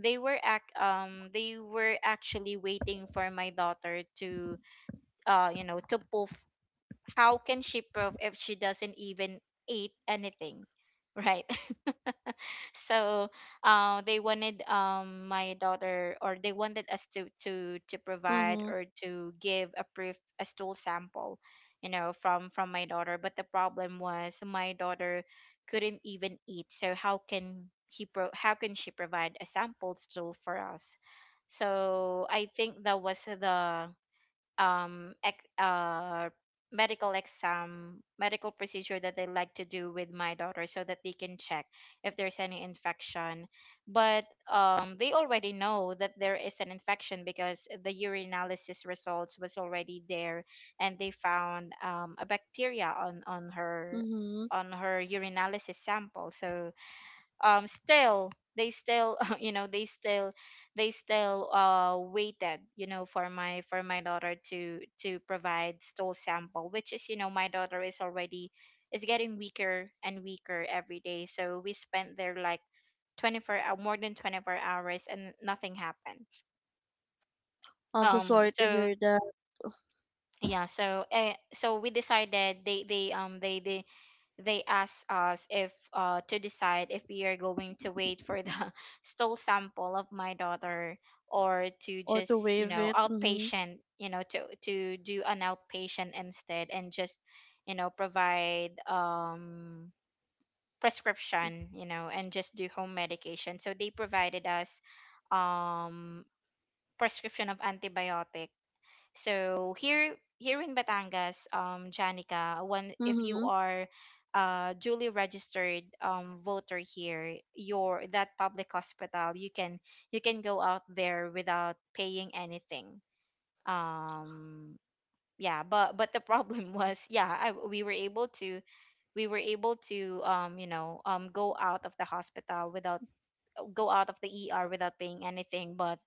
Speaker 1: they were actually waiting for my daughter to to poof. How can she prove if she doesn't even eat anything, right? So they wanted my daughter, or they wanted us to provide
Speaker 2: Mm-hmm.
Speaker 1: or to give a proof, a stool sample, from my daughter. But the problem was my daughter couldn't even eat, so how can how can she provide a sample stool for us? So I think that was the um ex- uh medical exam, medical procedure that they like to do with my daughter so that they can check if there's any infection. But they already know that there is an infection because the urinalysis results was already there, and they found a bacteria on her
Speaker 2: Mm-hmm.
Speaker 1: on her urinalysis sample. So still, they still you know they still waited, you know, for my daughter to provide stool sample, which is, you know, my daughter is already is getting weaker and weaker every day. So we spent there like more than 24 hours and nothing happened.
Speaker 2: I'm so sorry to
Speaker 1: So
Speaker 2: hear that.
Speaker 1: yeah, so so we decided, they asked us if to decide if we are going to wait for the stool sample of my daughter, or to
Speaker 2: Or to
Speaker 1: just, you
Speaker 2: waive
Speaker 1: know,
Speaker 2: it. Mm-hmm.
Speaker 1: outpatient, you know, to do an outpatient instead, and just, you know, provide prescription, you know, and just do home medication. So they provided us um prescription of antibiotic. So here, here in Batangas, Janica, when if you
Speaker 2: Mm-hmm.
Speaker 1: are duly registered voter here, your that public hospital, you can go out there without paying anything. Um yeah, but the problem was, yeah, I, we were able to we were able to you know go out of the hospital without go out of the ER without paying anything, but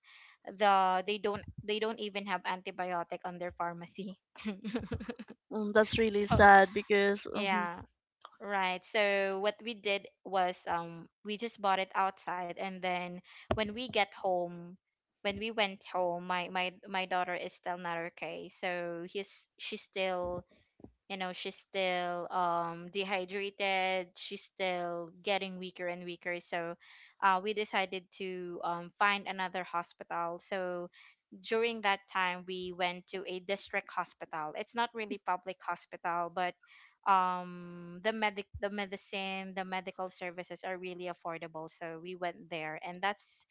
Speaker 1: they don't even have antibiotic on their pharmacy.
Speaker 2: That's really
Speaker 1: So
Speaker 2: sad because mhm.
Speaker 1: yeah, right. So what we did was, we just bought it outside, and then when we get home, when we went home, my my daughter is still not okay, so he's she's still, you know, she's still dehydrated, she's still getting weaker and weaker. So we decided to find another hospital. So during that time, we went to a district hospital. It's not really public hospital, but the medicine, the medical services are really affordable. So we went there, and that's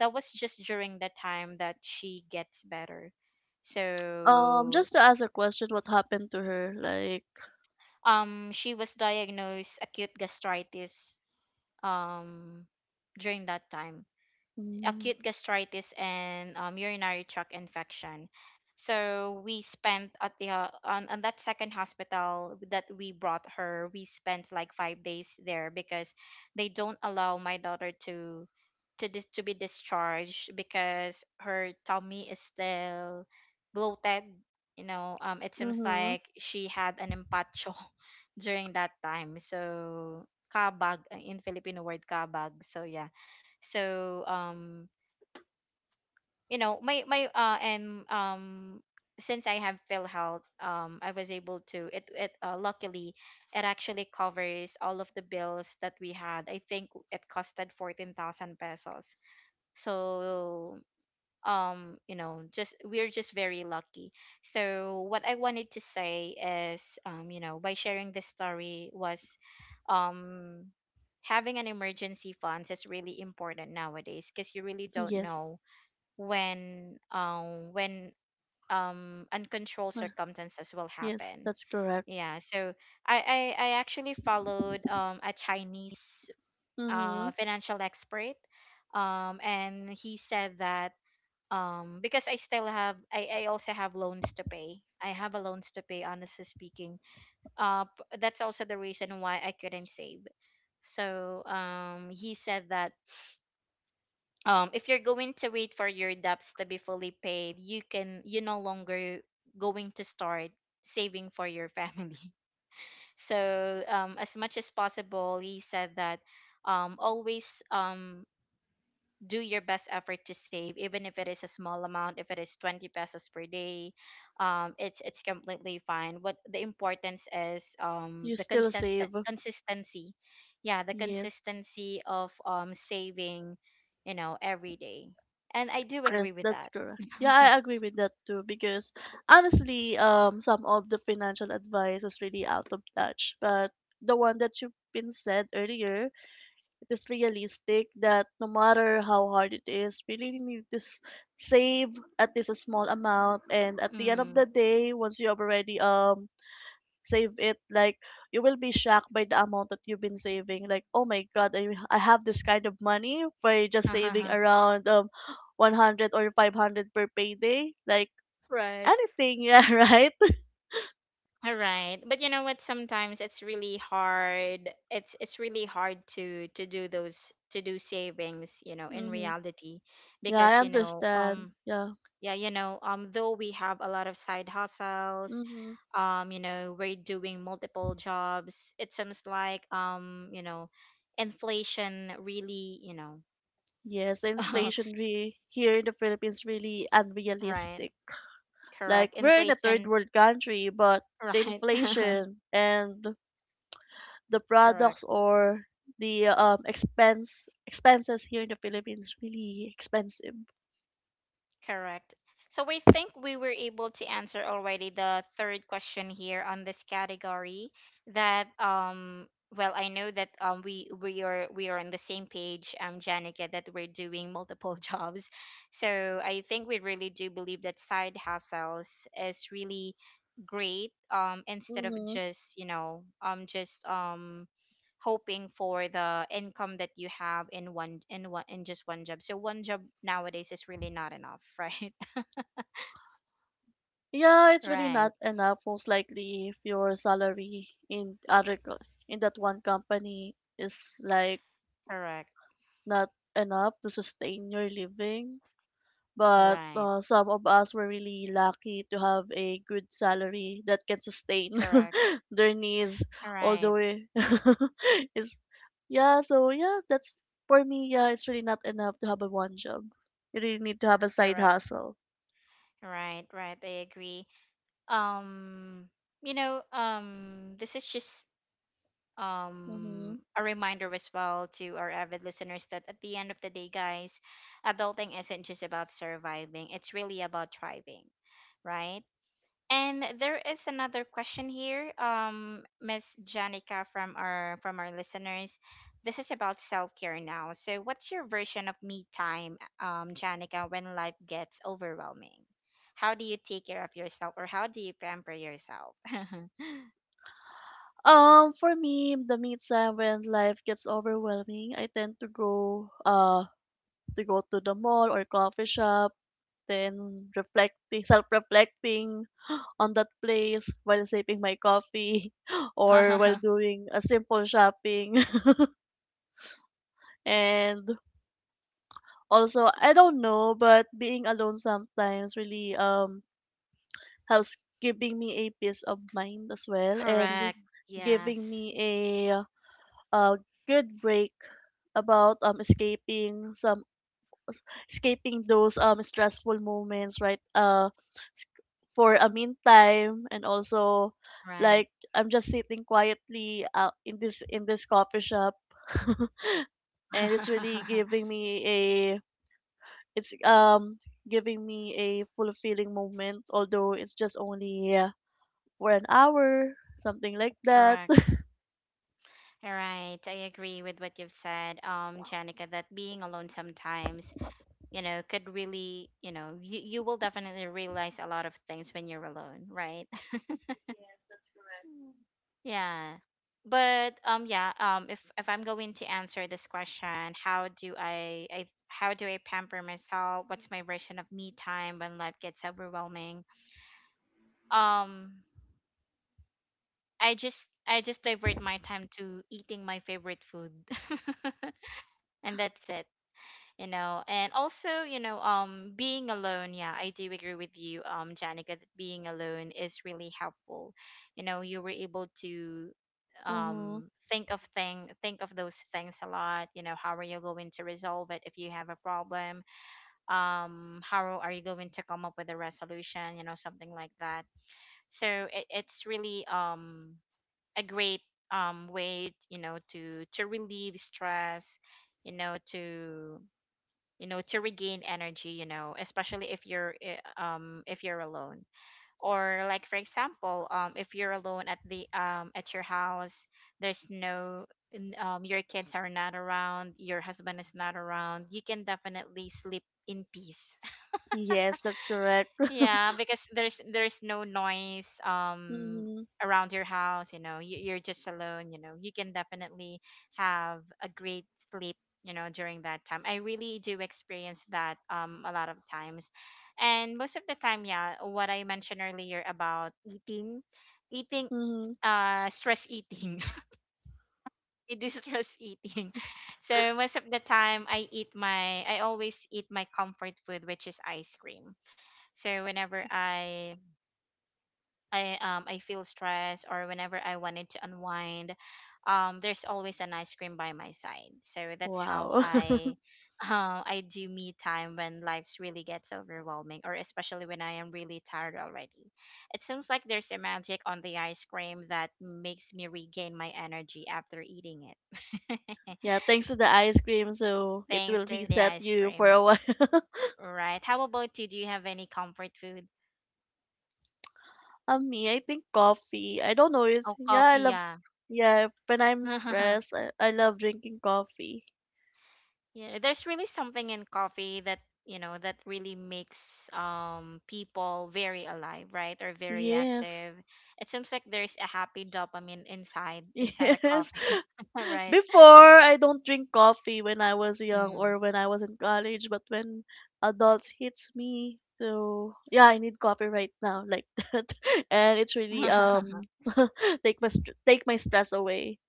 Speaker 1: that was just during the time that she gets better.
Speaker 2: um
Speaker 1: So
Speaker 2: just to ask a question, what happened to her? Like.
Speaker 1: she was diagnosed acute gastritis, um during that time.
Speaker 2: Mm,
Speaker 1: Acute gastritis and urinary tract infection. So we spent at the on that second hospital that we brought her. We spent like 5 days there because they don't allow my daughter to to be discharged because her tummy is still bloated. You know, it seems
Speaker 2: mm-hmm.
Speaker 1: like she had an empacho during that time. So kabag, in Filipino word kabag. So yeah, so you know my my and since I have PhilHealth, I was able to it it luckily it actually covers all of the bills that we had. I think it costed 14,000 pesos. So you know, just we're just very lucky. So what I wanted to say is, you know, by sharing this story was, um having an emergency funds is really important nowadays because you really don't
Speaker 2: Yes.
Speaker 1: know when uncontrolled
Speaker 2: Well,
Speaker 1: circumstances will
Speaker 2: yes,
Speaker 1: happen.
Speaker 2: that's correct.
Speaker 1: Yeah, so I actually followed a chinese
Speaker 2: Mm-hmm.
Speaker 1: financial expert, and he said that, because I also have loans to pay, I have a loans to pay, honestly speaking. That's also the reason why I couldn't save. So he said that, if you're going to wait for your debts to be fully paid, you can, you no longer going to start saving for your family. So as much as possible, he said that, always do your best effort to save, even if it is a small amount, if it is 20 pesos per day, it's completely fine. What the importance is
Speaker 2: You
Speaker 1: the
Speaker 2: still
Speaker 1: consistent
Speaker 2: save.
Speaker 1: consistency. Yeah, the
Speaker 2: Yes,
Speaker 1: consistency of saving, you know, every day, and I do
Speaker 2: yes,
Speaker 1: agree with
Speaker 2: that's
Speaker 1: that.
Speaker 2: correct. Yeah, I agree with that too because honestly, some of the financial advice is really out of touch. But the one that you've been said earlier, it is realistic that no matter how hard it is, we really need to save at least a small amount. And at the end of the
Speaker 1: Mm.
Speaker 2: day, once you have already save it, like you will be shocked by the amount that you've been saving, like oh my god, I have this kind of money by just saving around 100 or 500 per payday, like
Speaker 1: Right.
Speaker 2: anything. Yeah, right.
Speaker 1: All right. But you know what? Sometimes it's really hard. It's really hard to do those, to do savings, you know, in
Speaker 2: Mm-hmm.
Speaker 1: reality
Speaker 2: Yeah, I
Speaker 1: because, you know,
Speaker 2: understand, yeah.
Speaker 1: yeah, you know, though we have a lot of side hustles,
Speaker 2: Mm-hmm.
Speaker 1: you know, we're doing multiple jobs. It seems like, you know, inflation really, you know,
Speaker 2: Yes, the inflation re- here in the Philippines really
Speaker 1: right.
Speaker 2: unrealistic. Like,
Speaker 1: Correct.
Speaker 2: we're in a third
Speaker 1: Inflation,
Speaker 2: world country, but the
Speaker 1: right.
Speaker 2: inflation and the
Speaker 1: Correct.
Speaker 2: products or the expenses here in the Philippines really expensive.
Speaker 1: Correct. So we think we were able to answer already the third question here on this category, that well, I know that we we are on the same page, um, Janica, that we're doing multiple jobs. So I think we really do believe that side hustles is really great, instead of
Speaker 2: Mm-hmm.
Speaker 1: just, you know, just hoping for the income that you have in one in one in just one job. So one job nowadays is really not enough, right?
Speaker 2: Yeah, it's really
Speaker 1: Right,
Speaker 2: not enough. Most likely, if your salary in other in that one company is like
Speaker 1: correct,
Speaker 2: not enough to sustain your living, but
Speaker 1: right,
Speaker 2: some of us were really lucky to have a good salary that can sustain
Speaker 1: correct,
Speaker 2: their needs all the
Speaker 1: right,
Speaker 2: way. It's, yeah, so yeah, that's for me. Yeah, it's really not enough to have a one job. You really need to have a side
Speaker 1: correct,
Speaker 2: hustle.
Speaker 1: right, right. I agree. Um, you know, this is just
Speaker 2: Hmm.
Speaker 1: a reminder as well to our avid listeners that at the end of the day, guys, adulting isn't just about surviving. It's really about thriving, right? And there is another question here, Miss Janica, from our listeners. This is about self care now. So, what's your version of me time, Janica, when life gets overwhelming? How do you take care of yourself, or how do you pamper yourself?
Speaker 2: For me, the meantime when life gets overwhelming, I tend to go to the mall or coffee shop, then reflecting, self reflecting on that place while sipping my coffee or while doing a simple shopping. And also, I don't know, but being alone sometimes really helps giving me a peace of mind as well and
Speaker 1: Correct.
Speaker 2: giving
Speaker 1: Yes.
Speaker 2: me a, a good break about escaping some s- escaping those stressful moments, right? S- for a meantime, and also
Speaker 1: Right.
Speaker 2: like I'm just sitting quietly out in this coffee shop and it's really giving me a it's giving me a fulfilling moment, although it's just only for an hour, something like that.
Speaker 1: Correct. All right. I agree with what you've said, Janica, that being alone sometimes, you know, could really, you know, you will definitely realize a lot of things when you're alone, right? Mm. Yeah, but yeah, if I'm going to answer this question, how do I how do I pamper myself, what's my version of me time when life gets overwhelming, um I just I just divert my time to eating my favorite food. And that's it, you know. And also, you know, being alone, yeah, I do agree with you, um, Janica, that being alone is really helpful. You know, you were able to
Speaker 2: Mm-hmm.
Speaker 1: think of thing think of those things a lot, you know. How are you going to resolve it if you have a problem? How are you going to come up with a resolution, you know, something like that? So it's really a great way, you know, to relieve stress, you know, to, you know, to regain energy, you know, especially if if you're alone, or like for example, if you're alone at the at your house. There's no your kids are not around, your husband is not around, you can definitely sleep in peace.
Speaker 2: Yes, that's correct.
Speaker 1: Yeah, because there's no noise
Speaker 2: Mm-hmm.
Speaker 1: around your house, you know. You're just alone, you know. You can definitely have a great sleep, you know, during that time. I really do experience that a lot of times. And most of the time, yeah, what I mentioned earlier about eating, eating
Speaker 2: Mm-hmm.
Speaker 1: stress eating. It is stress eating. So most of the time I eat my, I always eat my comfort food, which is ice cream. So whenever I feel stressed, or whenever I wanted to unwind, there's always an ice cream by my side. So that's how
Speaker 2: Wow.
Speaker 1: I I do me time when life's really gets overwhelming, or especially when I am really tired already. It seems like there's a magic on the ice cream that makes me regain my energy after eating it.
Speaker 2: Yeah, thanks to the ice cream, so it will
Speaker 1: Thanks to the
Speaker 2: reset
Speaker 1: ice
Speaker 2: you for
Speaker 1: cream.
Speaker 2: a while.
Speaker 1: Right. How about you? Do you have any comfort food?
Speaker 2: Me, I think coffee. I don't know. It's
Speaker 1: Oh,
Speaker 2: yeah, I
Speaker 1: coffee,
Speaker 2: love.
Speaker 1: yeah.
Speaker 2: Yeah, when I'm stressed, I love drinking coffee.
Speaker 1: Yeah, there's really something in coffee that, you know, that really makes people very alive, right? Or very
Speaker 2: Yes,
Speaker 1: active. It seems like there's a happy dopamine inside inside a
Speaker 2: yes.
Speaker 1: coffee, right?
Speaker 2: Before, I don't drink coffee when I was young
Speaker 1: Mm.
Speaker 2: or when I was in college, but when adults hits me, so yeah, I need coffee right now, like that, and it's really take my stress away.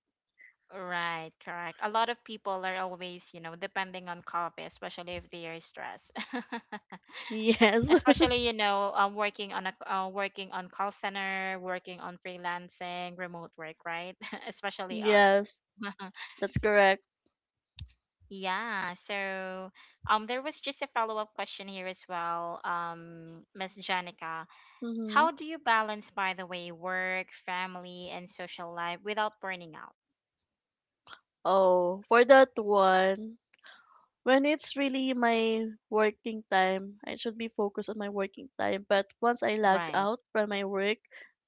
Speaker 1: Right, correct. A lot of people are always, you know, depending on coffee, especially if they are stressed.
Speaker 2: Yes,
Speaker 1: Especially, you know, working on a working on call center, working on freelancing, remote work, right? Especially us.
Speaker 2: yes. That's correct.
Speaker 1: Yeah, so there was just a follow-up question here as well. Um, Miss Janica,
Speaker 2: Mm-hmm.
Speaker 1: how do you balance, by the way, work, family and social life without burning out?
Speaker 2: Oh, for that one, when it's really my working time, I should be focused on my working time. But once I log
Speaker 1: Right.
Speaker 2: out from my work,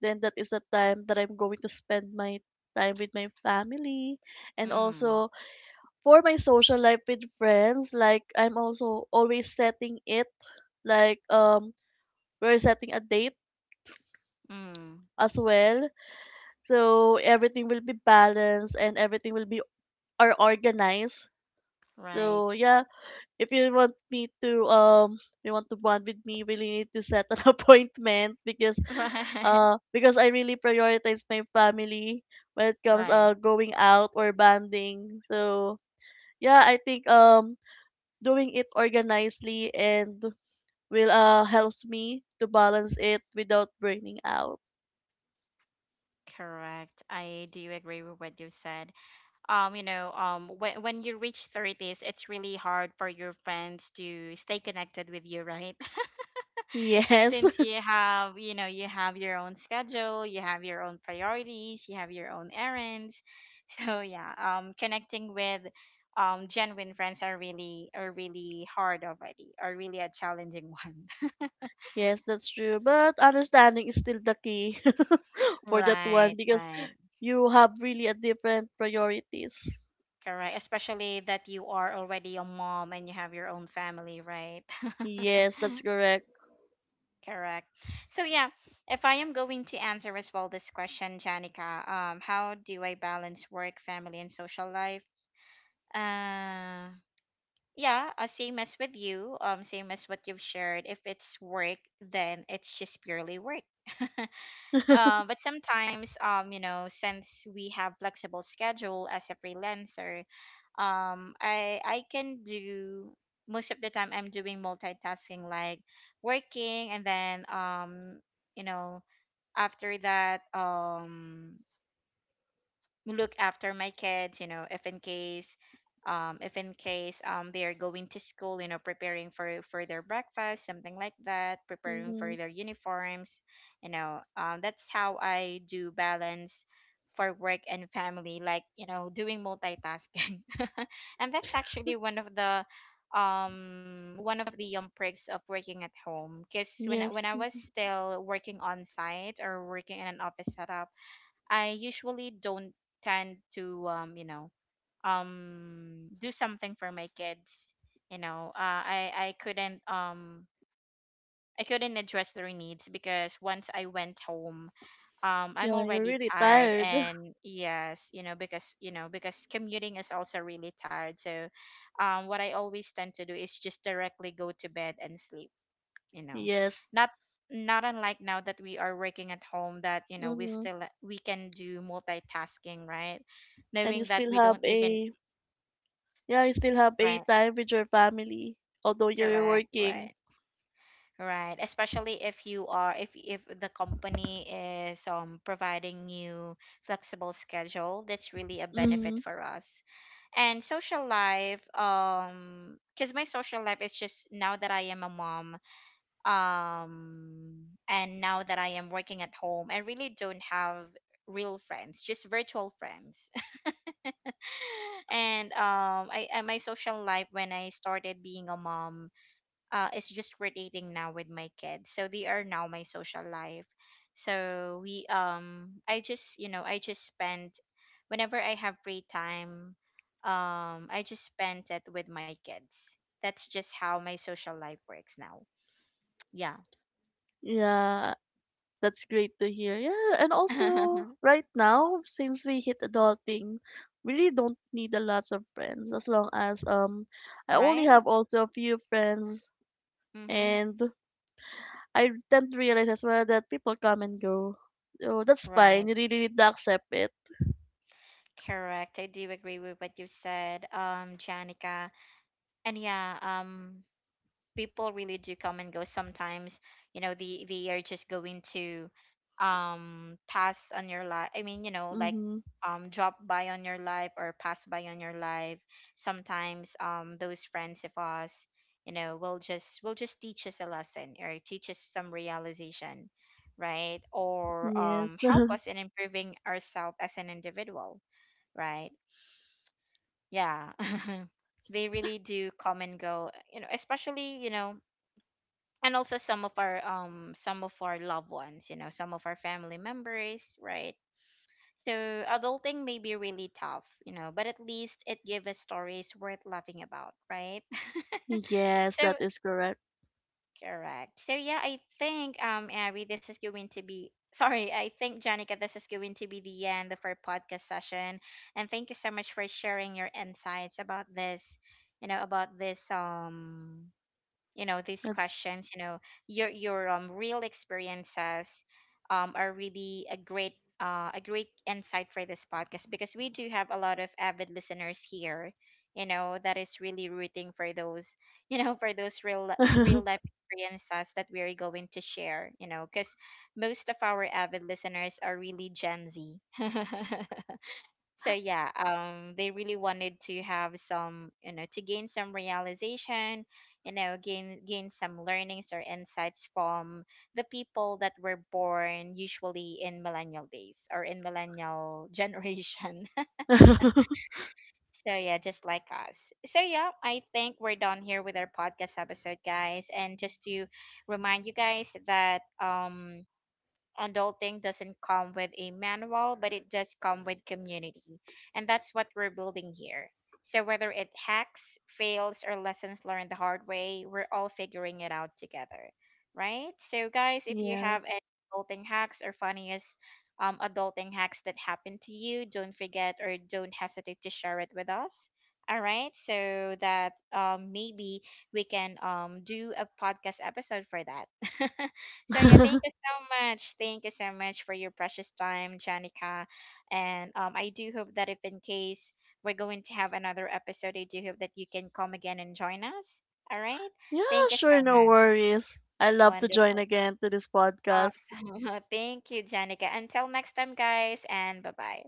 Speaker 2: then that is the time that I'm going to spend my time with my family, and
Speaker 1: Mm.
Speaker 2: also for my social life with friends. Like, I'm also always setting it, like we're setting a date
Speaker 1: Mm.
Speaker 2: as well. So everything will be balanced and everything will be are organized. So
Speaker 1: Right.
Speaker 2: yeah, if you want me to you want to bond with me, you really need to set an appointment,
Speaker 1: Right.
Speaker 2: because I really prioritize my family when it comes
Speaker 1: Right.
Speaker 2: going out or bonding. So yeah, I think doing it organizedly and will helps me to balance it without burning out.
Speaker 1: Correct. I do agree with what you said. You know, when you reach 30s, it's really hard for your friends to stay connected with you, right?
Speaker 2: Yes.
Speaker 1: Since you have, you know, you have your own schedule, you have your own priorities, you have your own errands. So yeah, connecting with genuine friends are really hard already, are really a challenging
Speaker 2: Yes, that's true. But understanding is still the key.
Speaker 1: one,
Speaker 2: For that one,
Speaker 1: right?
Speaker 2: because
Speaker 1: Right,
Speaker 2: you have really a different priorities.
Speaker 1: correct, especially that you are already a mom and you have your own family, right?
Speaker 2: Yes, that's correct.
Speaker 1: Correct. So yeah, if I am going to answer as well this question, Janica, how do I balance work, family, and social life? uh yeah same as with you, same as what you've shared. If it's work, then it's just purely work. But sometimes, you know, since we have flexible schedule as a freelancer, I can do, most of the time I'm doing multitasking, like working and then, you know after that, look after my kids, you know, if in case, if in case, they are going to school, you know, preparing for their breakfast, something like that, preparing
Speaker 2: Mm-hmm.
Speaker 1: for their uniforms, you know, that's how I do balance for work and family, like, you know, doing multitasking. And that's actually one of the, one of the, perks of working at home, because
Speaker 2: Yes,
Speaker 1: when I was still working on site or working in an office setup, I usually don't tend to, do something for my kids. You know, I couldn't, I couldn't address their needs, because once I went home, I'm
Speaker 2: yeah, you're
Speaker 1: already
Speaker 2: really
Speaker 1: tired
Speaker 2: tired.
Speaker 1: and, yes, you know, because, you know, because commuting is also really tired. So, what I always tend to do is just directly go to bed and sleep, you know.
Speaker 2: Yes.
Speaker 1: not Not unlike now that we are working at home, that, you know,
Speaker 2: Mm-hmm.
Speaker 1: we can do multitasking, right?
Speaker 2: And you
Speaker 1: Knowing that
Speaker 2: still
Speaker 1: we
Speaker 2: have
Speaker 1: don't even—
Speaker 2: a, yeah, you still have a
Speaker 1: right.
Speaker 2: time with your family, although you're
Speaker 1: Correct.
Speaker 2: working.
Speaker 1: Right. Right, especially if you are, if the company is, providing you flexible schedule, that's really a
Speaker 2: Mm-hmm.
Speaker 1: benefit for us. And social life, because my social life is just, now that I am a mom, and now that I am working at home, I really don't have real friends, just virtual friends. And, I and my social life, when I started being a mom, is just relating now with my kids, so they are now my social life. So we I just, you know, I just spend, whenever I have free time, I just spend it with my kids. That's just how my social life works now. Yeah.
Speaker 2: Yeah, that's great to hear. Yeah, and also right now, since we hit adulting, we really don't need a lot of friends as long as I only
Speaker 1: Right.
Speaker 2: have also a few friends,
Speaker 1: Mm-hmm.
Speaker 2: and I tend to realize as well that people come and go. So that's fine.
Speaker 1: Right.
Speaker 2: You really need to accept it.
Speaker 1: Correct, I do agree with what you said, Janica. And yeah, people really do come and go sometimes, you know. They are just going to, pass on your life, I mean, you know, like,
Speaker 2: Mm-hmm.
Speaker 1: drop by on your life or pass by on your life. Sometimes, those friends of us, you know, will just teach us a lesson or teach us some realization, right? Or,
Speaker 2: Yes.
Speaker 1: help us in improving ourselves as an individual, right? Yeah. They really do come and go, you know, especially, you know. And also some of our, some of our loved ones, you know, some of our family members, right? So adulting may be really tough, you know, but at least it gives us stories worth laughing about, right?
Speaker 2: Yes,
Speaker 1: So
Speaker 2: that is correct.
Speaker 1: correct, so yeah, I think, Abby, this is going to be— sorry, I think Janica, this is going to be the end of our podcast session, and thank you so much for sharing your insights about this, you know, about this, you know, these
Speaker 2: That-
Speaker 1: questions, you know, your, real experiences, are really a great, a great insight for this podcast, because we do have a lot of avid listeners here, you know, that is really rooting for those you know, for those real life experiences that we are going to share, you know, because most of our avid listeners are really Gen Z. So yeah, they really wanted to have some, you know, to gain some realization, you know, gain some learnings or insights from the people that were born usually in millennial days or in millennial generation. So yeah, just like us. So yeah, I think we're done here with our podcast episode, guys, and just to remind you guys that, adulting doesn't come with a manual, but it does come with community. And that's what we're building here. So whether it hacks, fails, or lessons learned the hard way, we're all figuring it out together. Right? So guys, if you
Speaker 2: yeah.
Speaker 1: have any adulting hacks or funniest, adulting hacks that happened to you, don't forget or don't hesitate to share it with us. All right, so that, maybe we can, do a podcast episode for that. So yeah, thank you so much. Thank you so much for your precious time, Janica. And, I do hope that if in case we're going to have another episode, I do hope that you can come again and join us. All right.
Speaker 2: Yeah,
Speaker 1: Thank you so
Speaker 2: sure, no
Speaker 1: much.
Speaker 2: worries. I love to join
Speaker 1: Wonderful.
Speaker 2: again to this podcast.
Speaker 1: Awesome. Thank you, Janica. Until next time, guys, and bye bye.